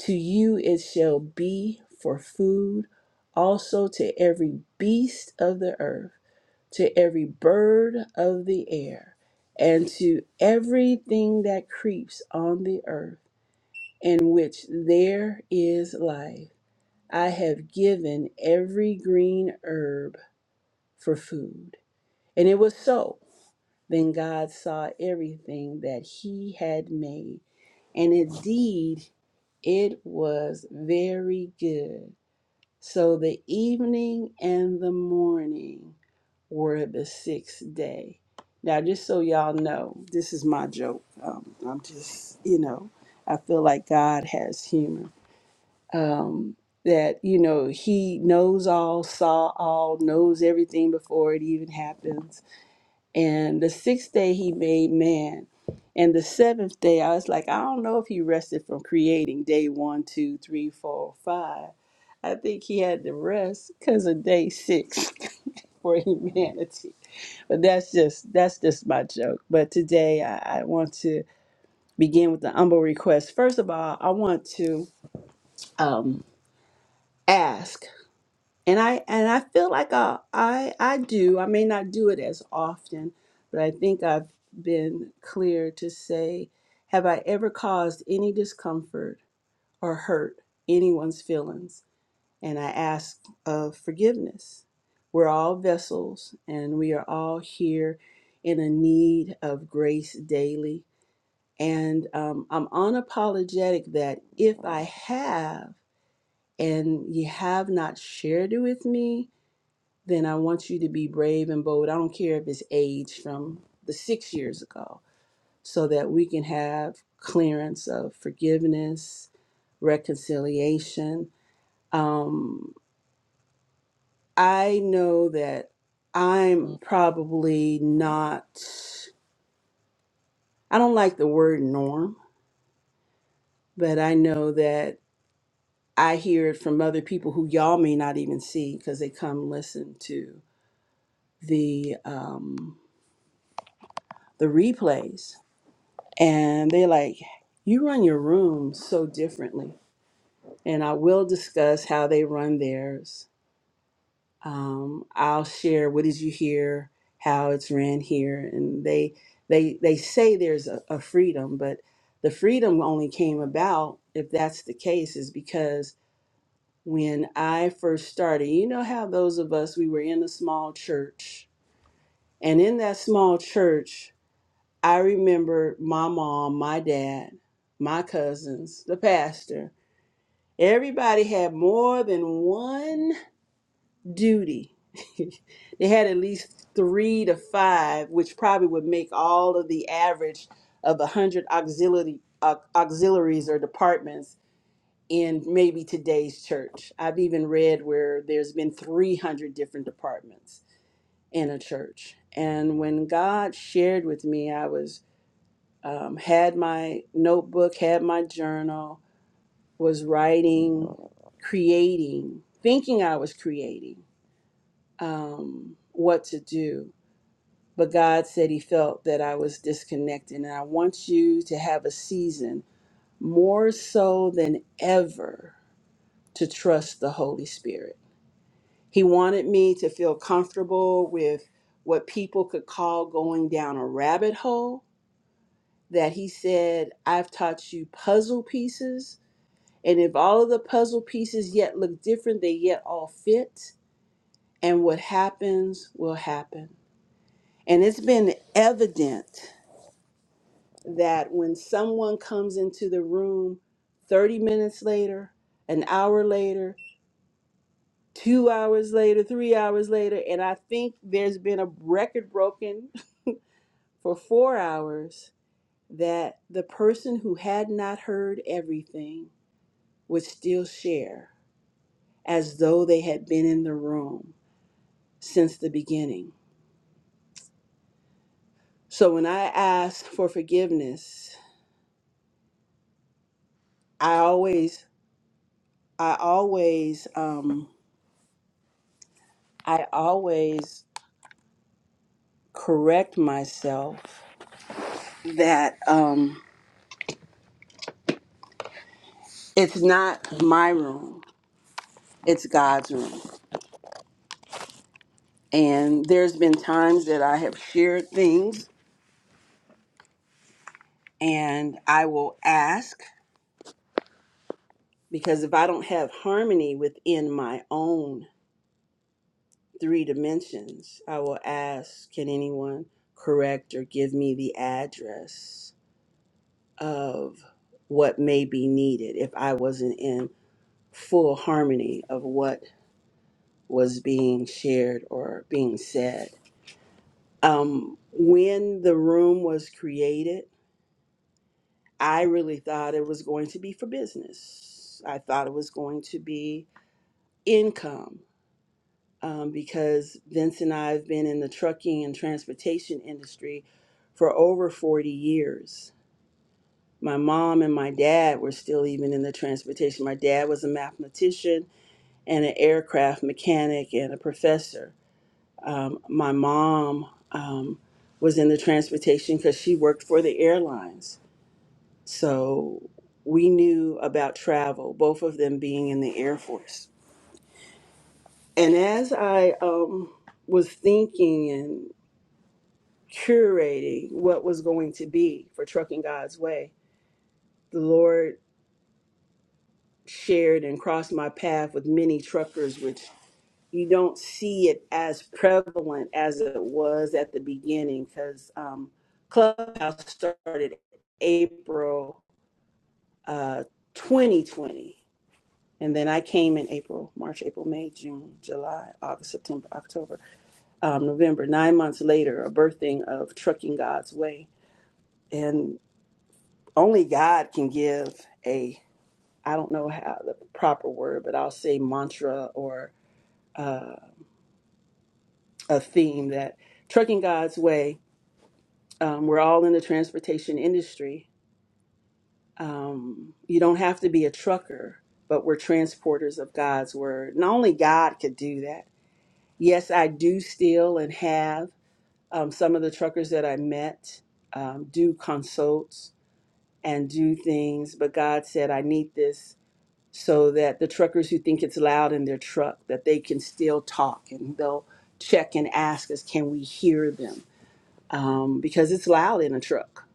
Speaker 2: To you it shall be for food, also to every beast of the earth, to every bird of the air, and to everything that creeps on the earth, in which there is life. I have given every green herb for food. And it was so. Then God saw everything that he had made, and indeed it was very good. So the evening and the morning were the sixth day. Now, just so y'all know, this is my joke. Um, I'm just, you know, I feel like God has humor um, that you know he knows all saw all knows everything before it even happens and the sixth day he made man and the seventh day i was like i don't know if he rested from creating day one two three four five i think he had to rest because of day six for humanity but that's just that's just my joke but today i, I want to begin with the humble request first of all i want to um, ask and I and I feel like I, I I do. I may not do it as often, but I think I've been clear to say, have I ever caused any discomfort or hurt anyone's feelings? And I ask of forgiveness. We're all vessels, and we are all here in a need of grace daily. And um, I'm unapologetic that if I have and you have not shared it with me, then I want you to be brave and bold. I don't care if it's age from the six years ago, so that we can have clearance of forgiveness, reconciliation. Um, I know that I'm probably not, I don't like the word norm, but I know that I hear it from other people who y'all may not even see because they come listen to the um, the replays and they're like, "You run your room so differently." And I will discuss how they run theirs. Um, I'll share what did you hear, how it's ran here, and they they they say there's a, a freedom, but the freedom only came about if that's the case is because when I first started, you know how those of us we were in a small church, and in that small church I remembered my mom, my dad, my cousins, the pastor. Everybody had more than one duty. they had at least three to five, which probably would make all of the average of a hundred auxiliary au- auxiliaries or departments in maybe today's church. I've even read where there's been 300 different departments in a church. And when God shared with me, I was um, had my notebook, had my journal, was writing, creating, thinking I was creating um, what to do. But God said He felt that I was disconnected. And I want you to have a season more so than ever to trust the Holy Spirit. He wanted me to feel comfortable with what people could call going down a rabbit hole. That He said, I've taught you puzzle pieces And if all of the puzzle pieces yet look different, they yet all fit. And what happens will happen. And it's been evident that when someone comes into the room 30 minutes later, an hour later, two hours later, three hours later, and I think there's been a record broken for four hours, that the person who had not heard everything would still share as though they had been in the room since the beginning. So when I ask for forgiveness, I always, I always, um, I always correct myself that um, it's not my room, it's God's room. And there's been times that I have shared things and I will ask because if I don't have harmony within my own three dimensions, I will ask, can anyone correct or give me the address of what may be needed if I wasn't in full harmony of what was being shared or being said? Um, when the room was created, I really thought it was going to be for business. I thought it was going to be income. um, because Vince and I have been in the trucking and transportation industry for over 40 years. My mom and my dad were still even in the transportation. My dad was a mathematician and an aircraft mechanic and a professor. Um, my mom um, was in the transportation because she worked for the airlines. So we knew about travel, both of them being in the Air Force. And as I um, was thinking curating what was going to be for Trucking God's Way. The Lord shared and crossed my path with many truckers, which you don't see it as prevalent as it was at the beginning because um, Clubhouse started April uh, 2020. And then I came in April, March, April, May, June, July, August, September, October, um, November, nine months later, a birthing of Trucking God's Way only God can give a I don't know how the proper word, but I'll say mantra or uh, a theme that trucking God's way. Um, we're all in the transportation industry. Um, you don't have to be a trucker, but we're transporters of God's word. Not only God could do that. Yes, I do still and have um, some of the truckers that I met um, do consults and do things, but God said, I need this so that the truckers who think it's loud in their truck that they can still talk and they'll check and ask us can we hear them um, because it's loud in a truck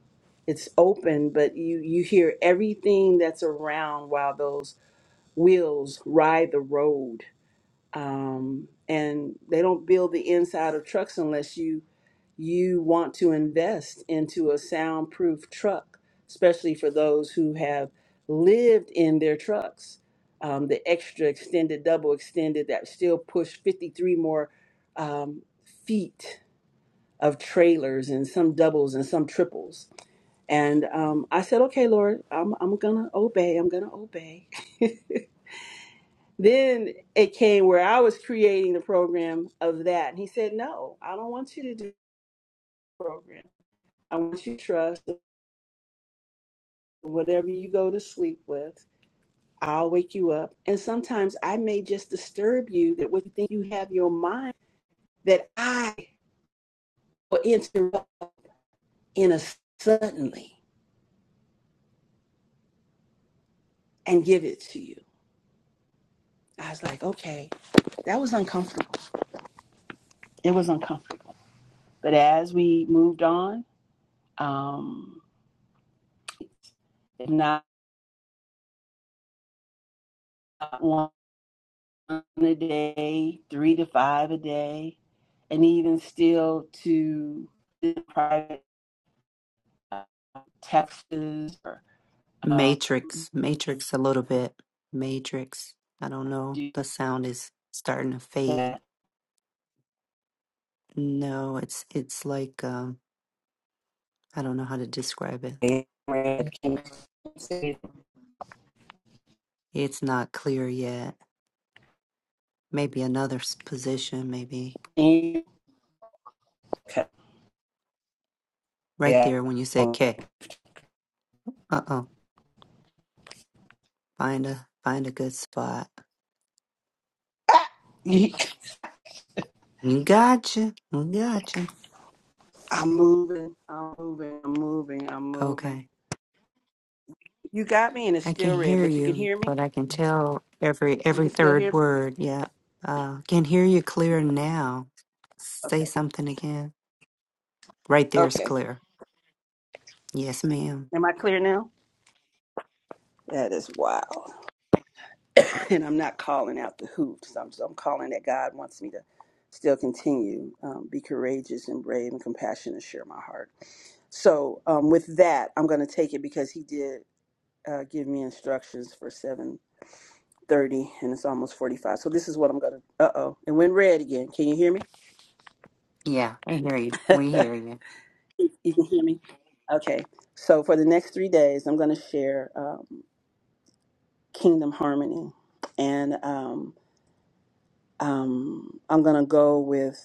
Speaker 2: it's open but you you hear everything that's around while those wheels ride the road um, and they don't build the inside of trucks unless you you want to invest into a soundproof truck, especially for those who have lived in their trucks. Um, the extra extended, double extended, that still push 53 more um, feet of trailers and some doubles and some triples. And um, I said, okay, Lord, I'm, I'm going to obey. I'm going to obey. then it came where I was creating the program of that. And he said, No, I don't want you to do the program. I want you to trust. whatever you go to sleep with, I'll wake you up. And sometimes I may just disturb you that with things you have your mind that I will interrupt in a suddenly and give it to you. I was like, okay, that was uncomfortable. It was uncomfortable. But as we moved on, um, if not one a day, three to five a day, and even still to private uh, texts or uh,
Speaker 1: Matrix, Matrix a little bit. Matrix. I don't know.
Speaker 2: do
Speaker 1: The sound is starting to fade.
Speaker 2: that.
Speaker 1: No, it's it's like um I don't know how to describe it. It's not clear yet. Maybe another s- position, maybe right
Speaker 2: Yeah.
Speaker 1: there when you said
Speaker 2: I'm
Speaker 1: K. Uh Find a find a good spot. You gotcha. You gotcha.
Speaker 2: moving. I'm moving. I'm moving. I'm moving.
Speaker 1: Okay.
Speaker 2: You got me, and it's
Speaker 1: I can
Speaker 2: still red,
Speaker 1: hear
Speaker 2: but you can
Speaker 1: you,
Speaker 2: hear me.
Speaker 1: but I can tell every
Speaker 2: You
Speaker 1: every
Speaker 2: can still hear
Speaker 1: third
Speaker 2: me.
Speaker 1: word. Yeah. Uh can hear you clear now. Say
Speaker 2: Okay.
Speaker 1: something again. Right there is
Speaker 2: Okay.
Speaker 1: clear. Yes, ma'am.
Speaker 2: Am I clear now? That is wild. and I'm not calling out the hoops. I'm, I'm calling that God wants me to still continue, um, be courageous and brave and compassionate, and share my heart. So um, with that, I'm going to take it because he did uh, give me instructions for 7:30, and it's almost 45. So this is what I'm going to. Uh oh, it went red again. Can you hear me?
Speaker 1: Yeah, I hear you. We hear you.
Speaker 2: you can hear me. Okay. So for the next three days, I'm going to share um, Kingdom Harmony, and um, um, I'm going to go with.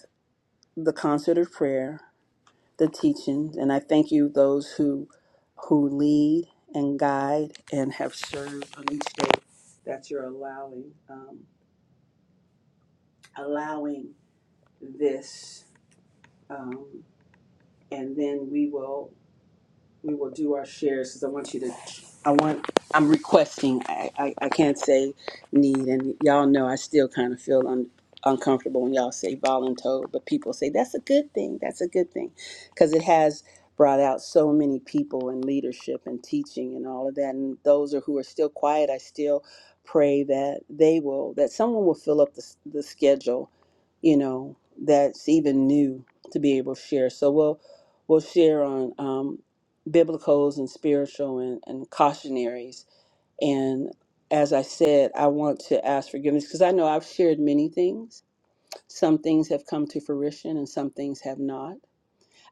Speaker 2: the concerted prayer, the teachings, and I thank you those who who lead and guide and have served on each day that you're allowing um, allowing this, um, and then we will. we will do our shares because I want you to. I want. I'm requesting. I, I I can't say need, and y'all know I still kind of feel un, uncomfortable when y'all say voluntold, but people say that's a good thing. That's a good thing, because it has brought out so many people in leadership and teaching and all of that. And those are who are still quiet. I still pray that they will that someone will fill up the s- the schedule, you know, that's even new to be able to share. So we'll we'll share on. Um, biblicals and spiritual and, and cautionaries. And as I said, I want to ask forgiveness because I know I've shared many things. Some things have come to fruition and some things have not.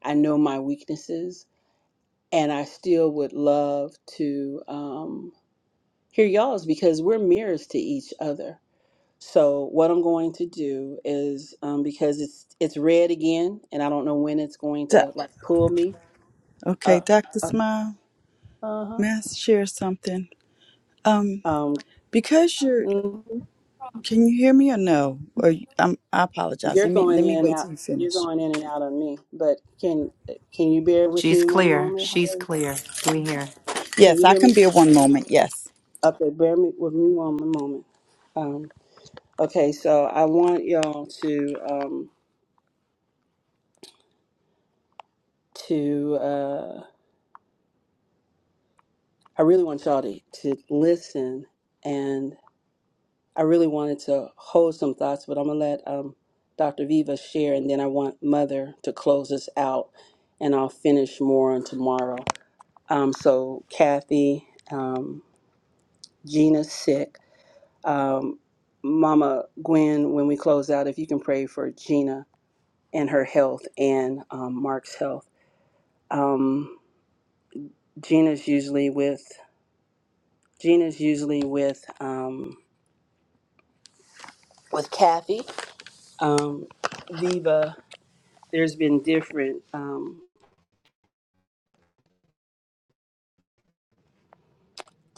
Speaker 2: I know my weaknesses, and I still would love to um, hear y'all's because we're mirrors to each other. So what I'm going to do is um, because it's it's red again, and I don't know when it's going
Speaker 7: Do-
Speaker 2: to like pull me
Speaker 7: okay,
Speaker 2: up.
Speaker 7: Dr.
Speaker 2: Uh
Speaker 7: Smile,
Speaker 2: huh.
Speaker 7: may I share something? Um, because you're,
Speaker 2: Um,
Speaker 7: can you hear me or no? Or you- I'm, I apologize.
Speaker 2: You're
Speaker 7: Let me,
Speaker 2: going
Speaker 7: let
Speaker 2: in
Speaker 7: me
Speaker 2: and
Speaker 7: wait till
Speaker 2: out.
Speaker 7: you
Speaker 2: You're
Speaker 7: finish.
Speaker 2: going in and out on me. But can can you bear with me
Speaker 1: She's
Speaker 2: one
Speaker 1: clear.
Speaker 2: moment?
Speaker 1: She's
Speaker 2: Howard?
Speaker 1: clear. We hear.
Speaker 2: Can
Speaker 7: Yes,
Speaker 2: you
Speaker 7: I
Speaker 2: hear
Speaker 7: can
Speaker 2: me?
Speaker 7: be a one moment. Yes.
Speaker 2: Okay, bear me with me one moment. Um, okay, so I want y'all to um, to uh, I really want y'all to, to listen, and I really wanted to hold some thoughts, but I'm gonna let um, Dr. Viva share, and then I want Mother to close us out, and I'll finish more on tomorrow. Um, so Kathy. Um, Gina's sick. Um, Mama Gwen, when we close out, if you can pray for Gina and her health and um, Mark's health. Um, Gina's usually with Gina's usually with um, with Kathy. Um, Viva, there's been different um,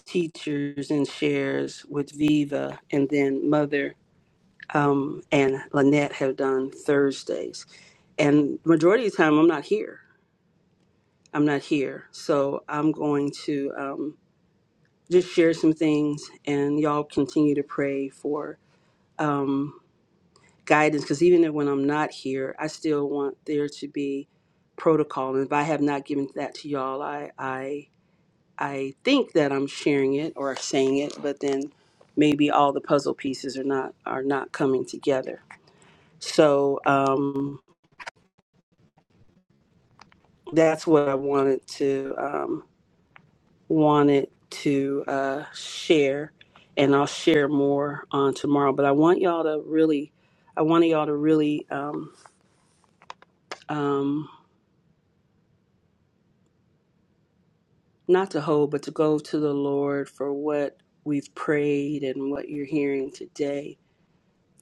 Speaker 2: teachers and shares with Viva, and then Mother um, and Lynette have done Thursdays. And majority of the time, I'm not here. I'm not here. So I'm going to um, just share some things, and y'all continue to pray for um, guidance. Because even if- when I'm not here, I still want there to be protocol. And if I have not given that to y'all, I I I think that I'm sharing it or saying it, but then maybe all the puzzle pieces are not are not coming together. So um, that's what I wanted to. Um, wanted to uh, share, and I'll share more on tomorrow. But I want y'all to really, I want y'all to really, um, um, not to hold, but to go to the Lord for what we've prayed and what you're hearing today,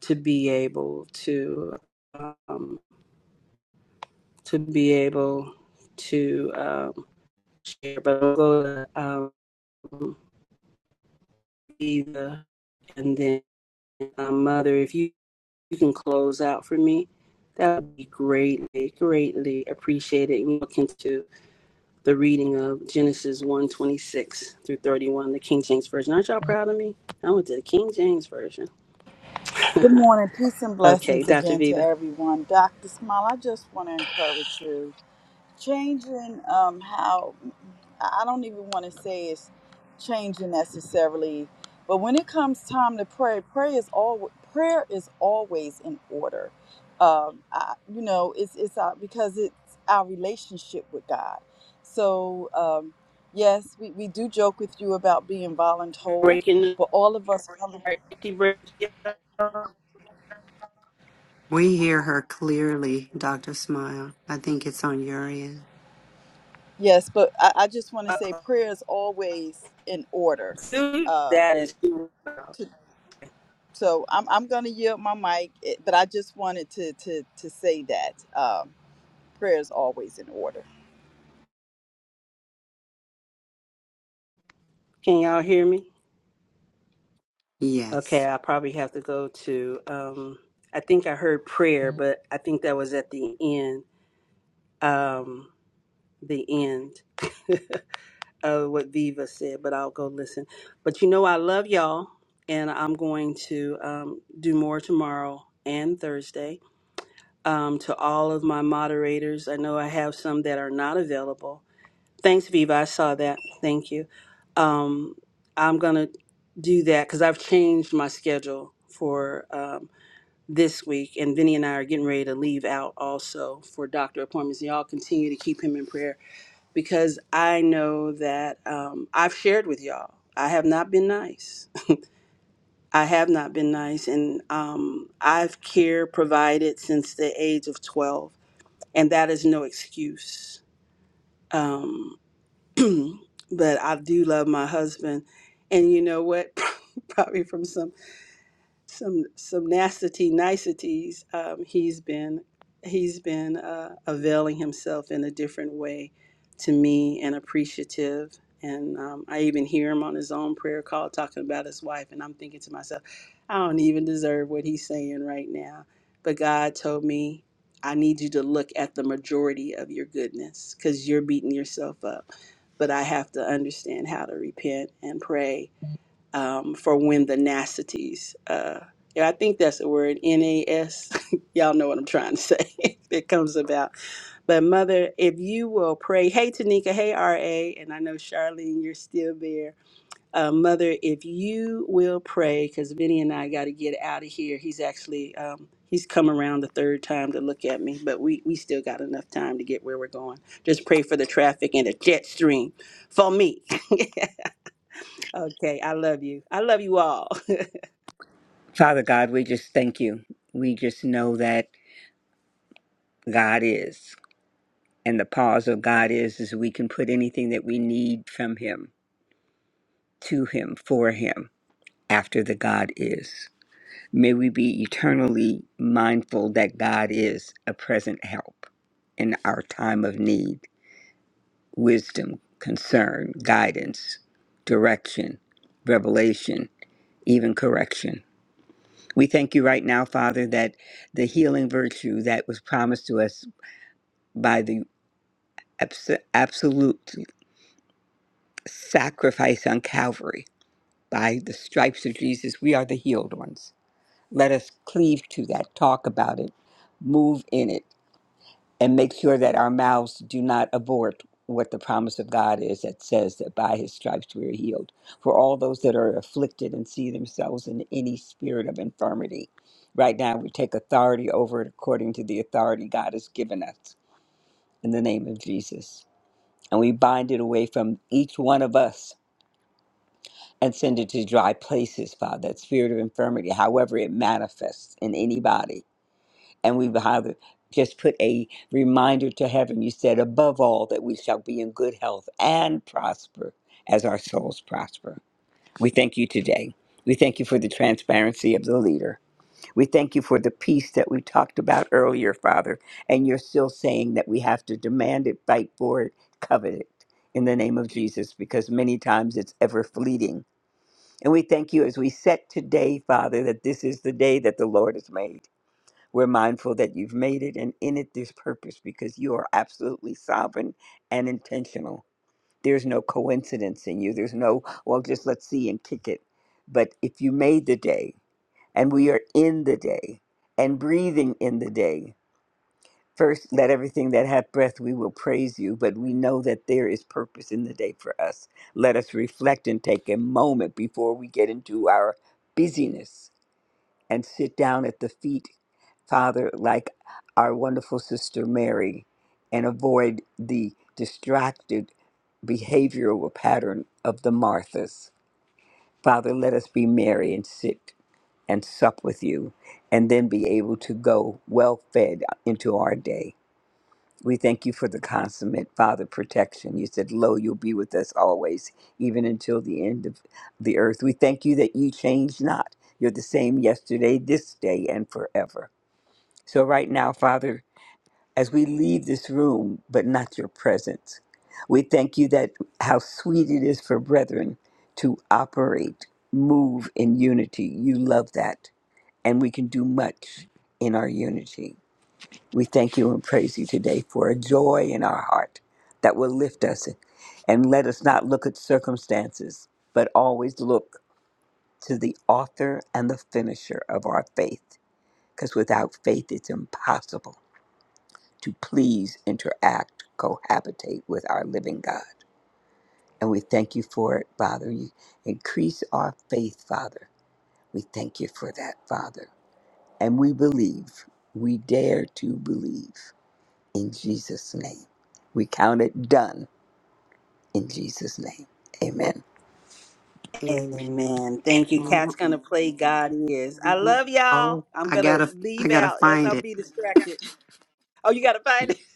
Speaker 2: to be able to, um, to be able to um, share. But I'll go to um, Eva, and then uh, Mother, if you you can close out for me, that would be greatly, greatly appreciated. And you look into the reading of Genesis one twenty six through 31, the King James Version. Aren't y'all proud of me? I went to the King James Version.
Speaker 7: Good morning. Peace and
Speaker 2: Okay,
Speaker 7: blessings
Speaker 2: Dr.
Speaker 7: again to
Speaker 2: Viva.
Speaker 7: everyone. Dr. Smile, I just want to encourage you. Changing um, how, I I don't even want to say it's changing necessarily, but when it comes time to pray, prayer is all prayer is always in order. Um, I, you know, it's it's our, because it's our relationship with God. So um, yes, we, we do joke with you about being voluntold,
Speaker 2: Breaking the
Speaker 7: but all of us really
Speaker 2: heart, she breaks your heart.
Speaker 1: We hear her clearly, Dr. Smile. I think it's on your end.
Speaker 7: Yes, but I, I just want to say
Speaker 2: Uh-oh.
Speaker 7: prayer is always in order.
Speaker 2: Dude,
Speaker 7: Uh,
Speaker 2: that is too loud.
Speaker 7: to, so I'm, I'm going to yield my mic, eh, but I just wanted to, to, to say that um, prayer is always in order.
Speaker 2: Can y'all hear me?
Speaker 1: Yes.
Speaker 2: Okay, I probably have to go to, um, I think I heard prayer, but I think that was at the end. Um, the end of what Viva said, but I'll go listen. But you know, I love y'all, and I'm going to um, do more tomorrow and Thursday. Um, to all of my moderators, I know I have some that are not available. Thanks, Viva. I saw that. Thank you. Um, I'm gonna do that because I've changed my schedule for um, this week, and Vinny and I are getting ready to leave out also for doctor appointments. Y'all continue to keep him in prayer because I know that um, I've shared with y'all. I have not been nice. I have not been nice, and um, I've care provided since the age of twelve, and that is no excuse. Um, but I do love my husband, and you know what? Probably from some. some some nasty niceties. Um, he's been he's been uh, availing himself in a different way to me and appreciative. And um, I even hear him on his own prayer call talking about his wife, and I'm thinking to myself, I don't even deserve what he's saying right now. But God told me, I need you to look at the majority of your goodness because you're beating yourself up. But I have to understand how to repent and pray um, for when the nasties. Uh, yeah, I think that's the word NAS. Y'all know what I'm trying to say. It comes about. But mother, if you will pray, hey Tanika, hey RA, and I know Charlene, you're still there. Uh, mother, if you will pray, because Vinny and I got to get out of here. He's actually um, he's come around the third time to look at me, but we we still got enough time to get where we're going. Just pray for the traffic and the jet stream for me. Okay, I love you. I love you all.
Speaker 10: Father God, we just thank you. We just know that God is. And the pause of God is is we can put anything that we need from him to him for him after the God is. May we be eternally mindful that God is a present help in our time of need, wisdom, concern, guidance, direction, revelation, even correction. We thank you right now, Father, that the healing virtue that was promised to us by the abs- absolute sacrifice on Calvary, by the stripes of Jesus, we are the healed ones. Let us cleave to that, talk about it, move in it, and make sure that our mouths do not abort what the promise of God is that says that by his stripes we are healed. For all those that are afflicted and see themselves in any spirit of infirmity, right now we take authority over it according to the authority God has given us in the name of Jesus. And we bind it away from each one of us and send it to dry places, Father, that spirit of infirmity, however it manifests in anybody and we will have just put a reminder to heaven. You said, above all, that we shall be in good health and prosper as our souls prosper. We thank you today. We thank you for the transparency of the leader. We thank you for the peace that we talked about earlier, Father. And you're still saying that we have to demand it, fight for it, covet it in the name of Jesus, because many times it's ever fleeting. And we thank you as we set today, Father, that this is the day that the Lord has made we're mindful that you've made it and in it there's purpose because you are absolutely sovereign and intentional. There's no coincidence in you. There's no, well, just let's see and kick it. But if you made the day and we are in the day and breathing in the day, first let everything that hath breath, we will praise you. But we know that there is purpose in the day for us. Let us reflect and take a moment before we get into our busyness and sit down at the feet, Father, like our wonderful sister Mary, and avoid the distracted behavioral pattern of the Marthas. Father, let us be Mary and sit and sup with you, and then be able to go well fed into our day. We thank you for the consummate Father protection. You said, Lo, you'll be with us always, even until the end of the earth. We thank you that you change not. You're the same yesterday, this day, and forever. So, right now, Father, as we leave this room, but not your presence, we thank you that how sweet it is for brethren to operate, move in unity. You love that. And we can do much in our unity. We thank you and praise you today for a joy in our heart that will lift us and let us not look at circumstances, but always look to the author and the finisher of our faith. Because without faith, it's impossible to please interact, cohabitate with our living God. And we thank you for it, Father. You increase our faith, Father. We thank you for that, Father. And we believe, we dare to believe in Jesus' name. We count it done in Jesus' name. Amen.
Speaker 1: Amen.
Speaker 2: Amen. Thank you.
Speaker 1: You
Speaker 2: Cat's gonna play God is. I love y'all.
Speaker 1: Oh,
Speaker 2: I'm
Speaker 1: I
Speaker 2: gonna
Speaker 1: gotta, I
Speaker 2: leave
Speaker 1: gotta
Speaker 2: out as I'll
Speaker 1: find it.
Speaker 2: be distracted. Oh, you gotta find it.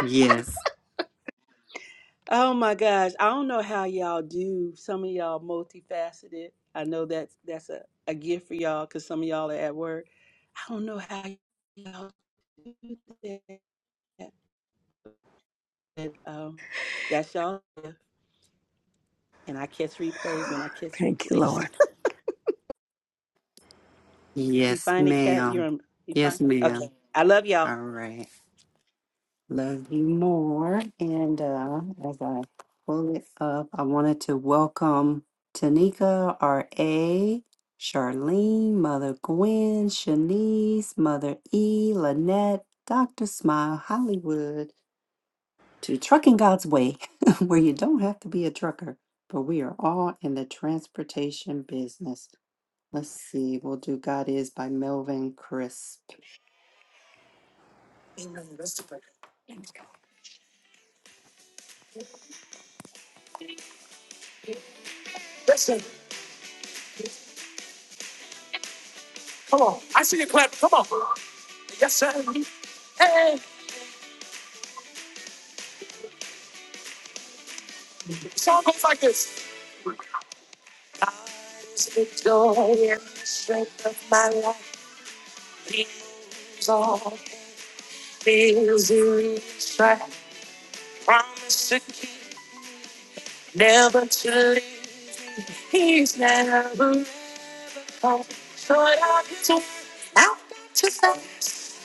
Speaker 1: Yes,
Speaker 2: Oh my gosh. I don't know how y'all do. Some of y'all multifaceted. I know that's that's a, a gift for y'all because some of y'all are at work. I don't know how y'all do that. But, um, that's y'all. And I catch replays when I catch
Speaker 10: Thank you,
Speaker 2: replays.
Speaker 10: Lord.
Speaker 2: You
Speaker 1: yes,
Speaker 2: find a cat. You're
Speaker 1: ma'am.
Speaker 2: You find
Speaker 1: Yes,
Speaker 2: Okay.
Speaker 1: ma'am.
Speaker 2: I love y'all.
Speaker 1: All right. Love you more. And uh, as I pull it up, I wanted to welcome Tanika, R.A., Charlene, Mother Gwen, Shanice, Mother E, Lynette, Dr. Smile, Hollywood, to Trucking God's Way, where you don't have to be a trucker, but we are all in the transportation business. Let's see. We'll do God Is by Melvin Crisp. Amen. come Come on. on. I see you clap. Come on. Yes, sir. Hey, the the the the song goes like this: God is in in of my my life. life. He's He's all things in his sight. Promise to to to keep, keep never never leave. He's never gone. Short of his word, out to say,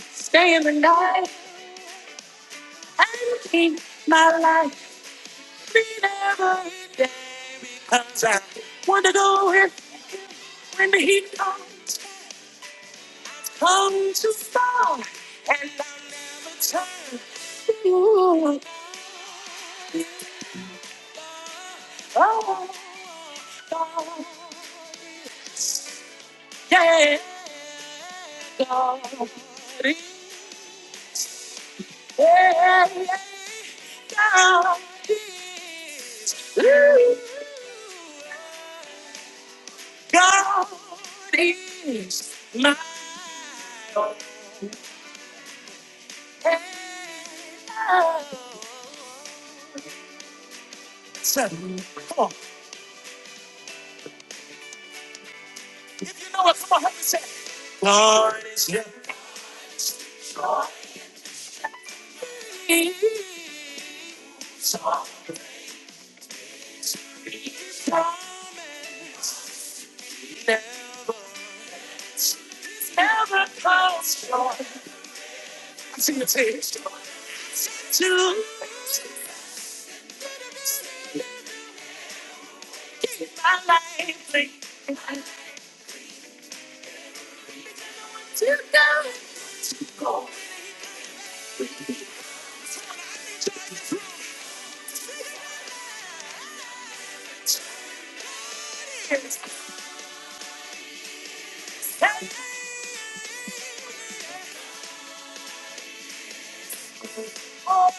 Speaker 1: stay in the night and keep my life. I've seen the taste to you. To keep my life. free. To go, to go. Cheers. And oh,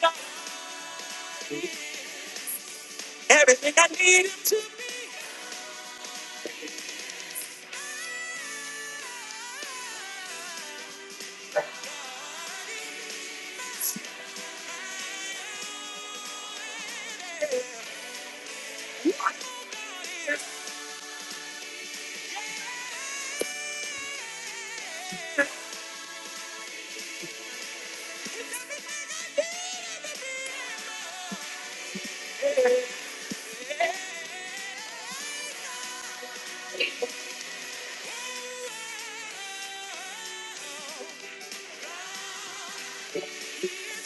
Speaker 1: God. Everything I need needed to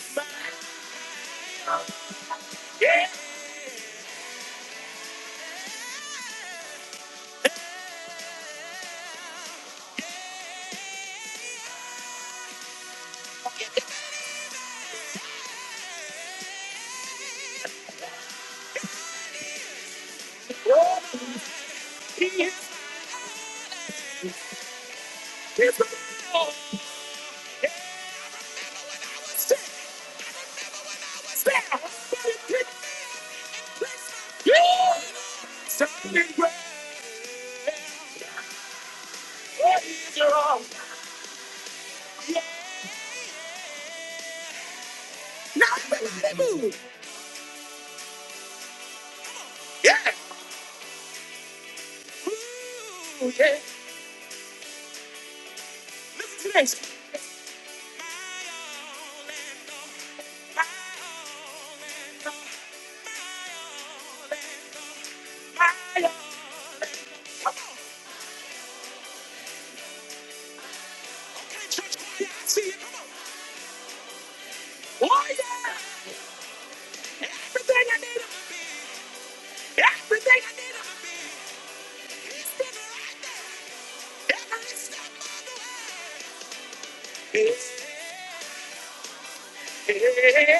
Speaker 1: find. Yeah, all the keys. It's the door. Step by step. Yeah. Something great is wrong. Now everybody move. Yeah. Oh, yeah. Listen to this. I am see. Oh, yeah. Everything I need. Everything I need. It's been every step. It's yeah.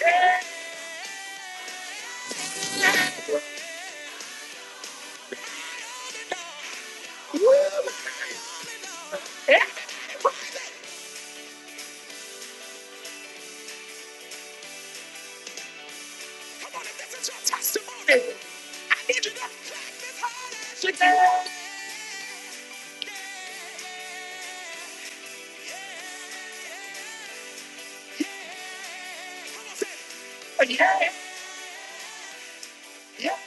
Speaker 1: Yeah. Yeah. Yeah, yeah. Yeah.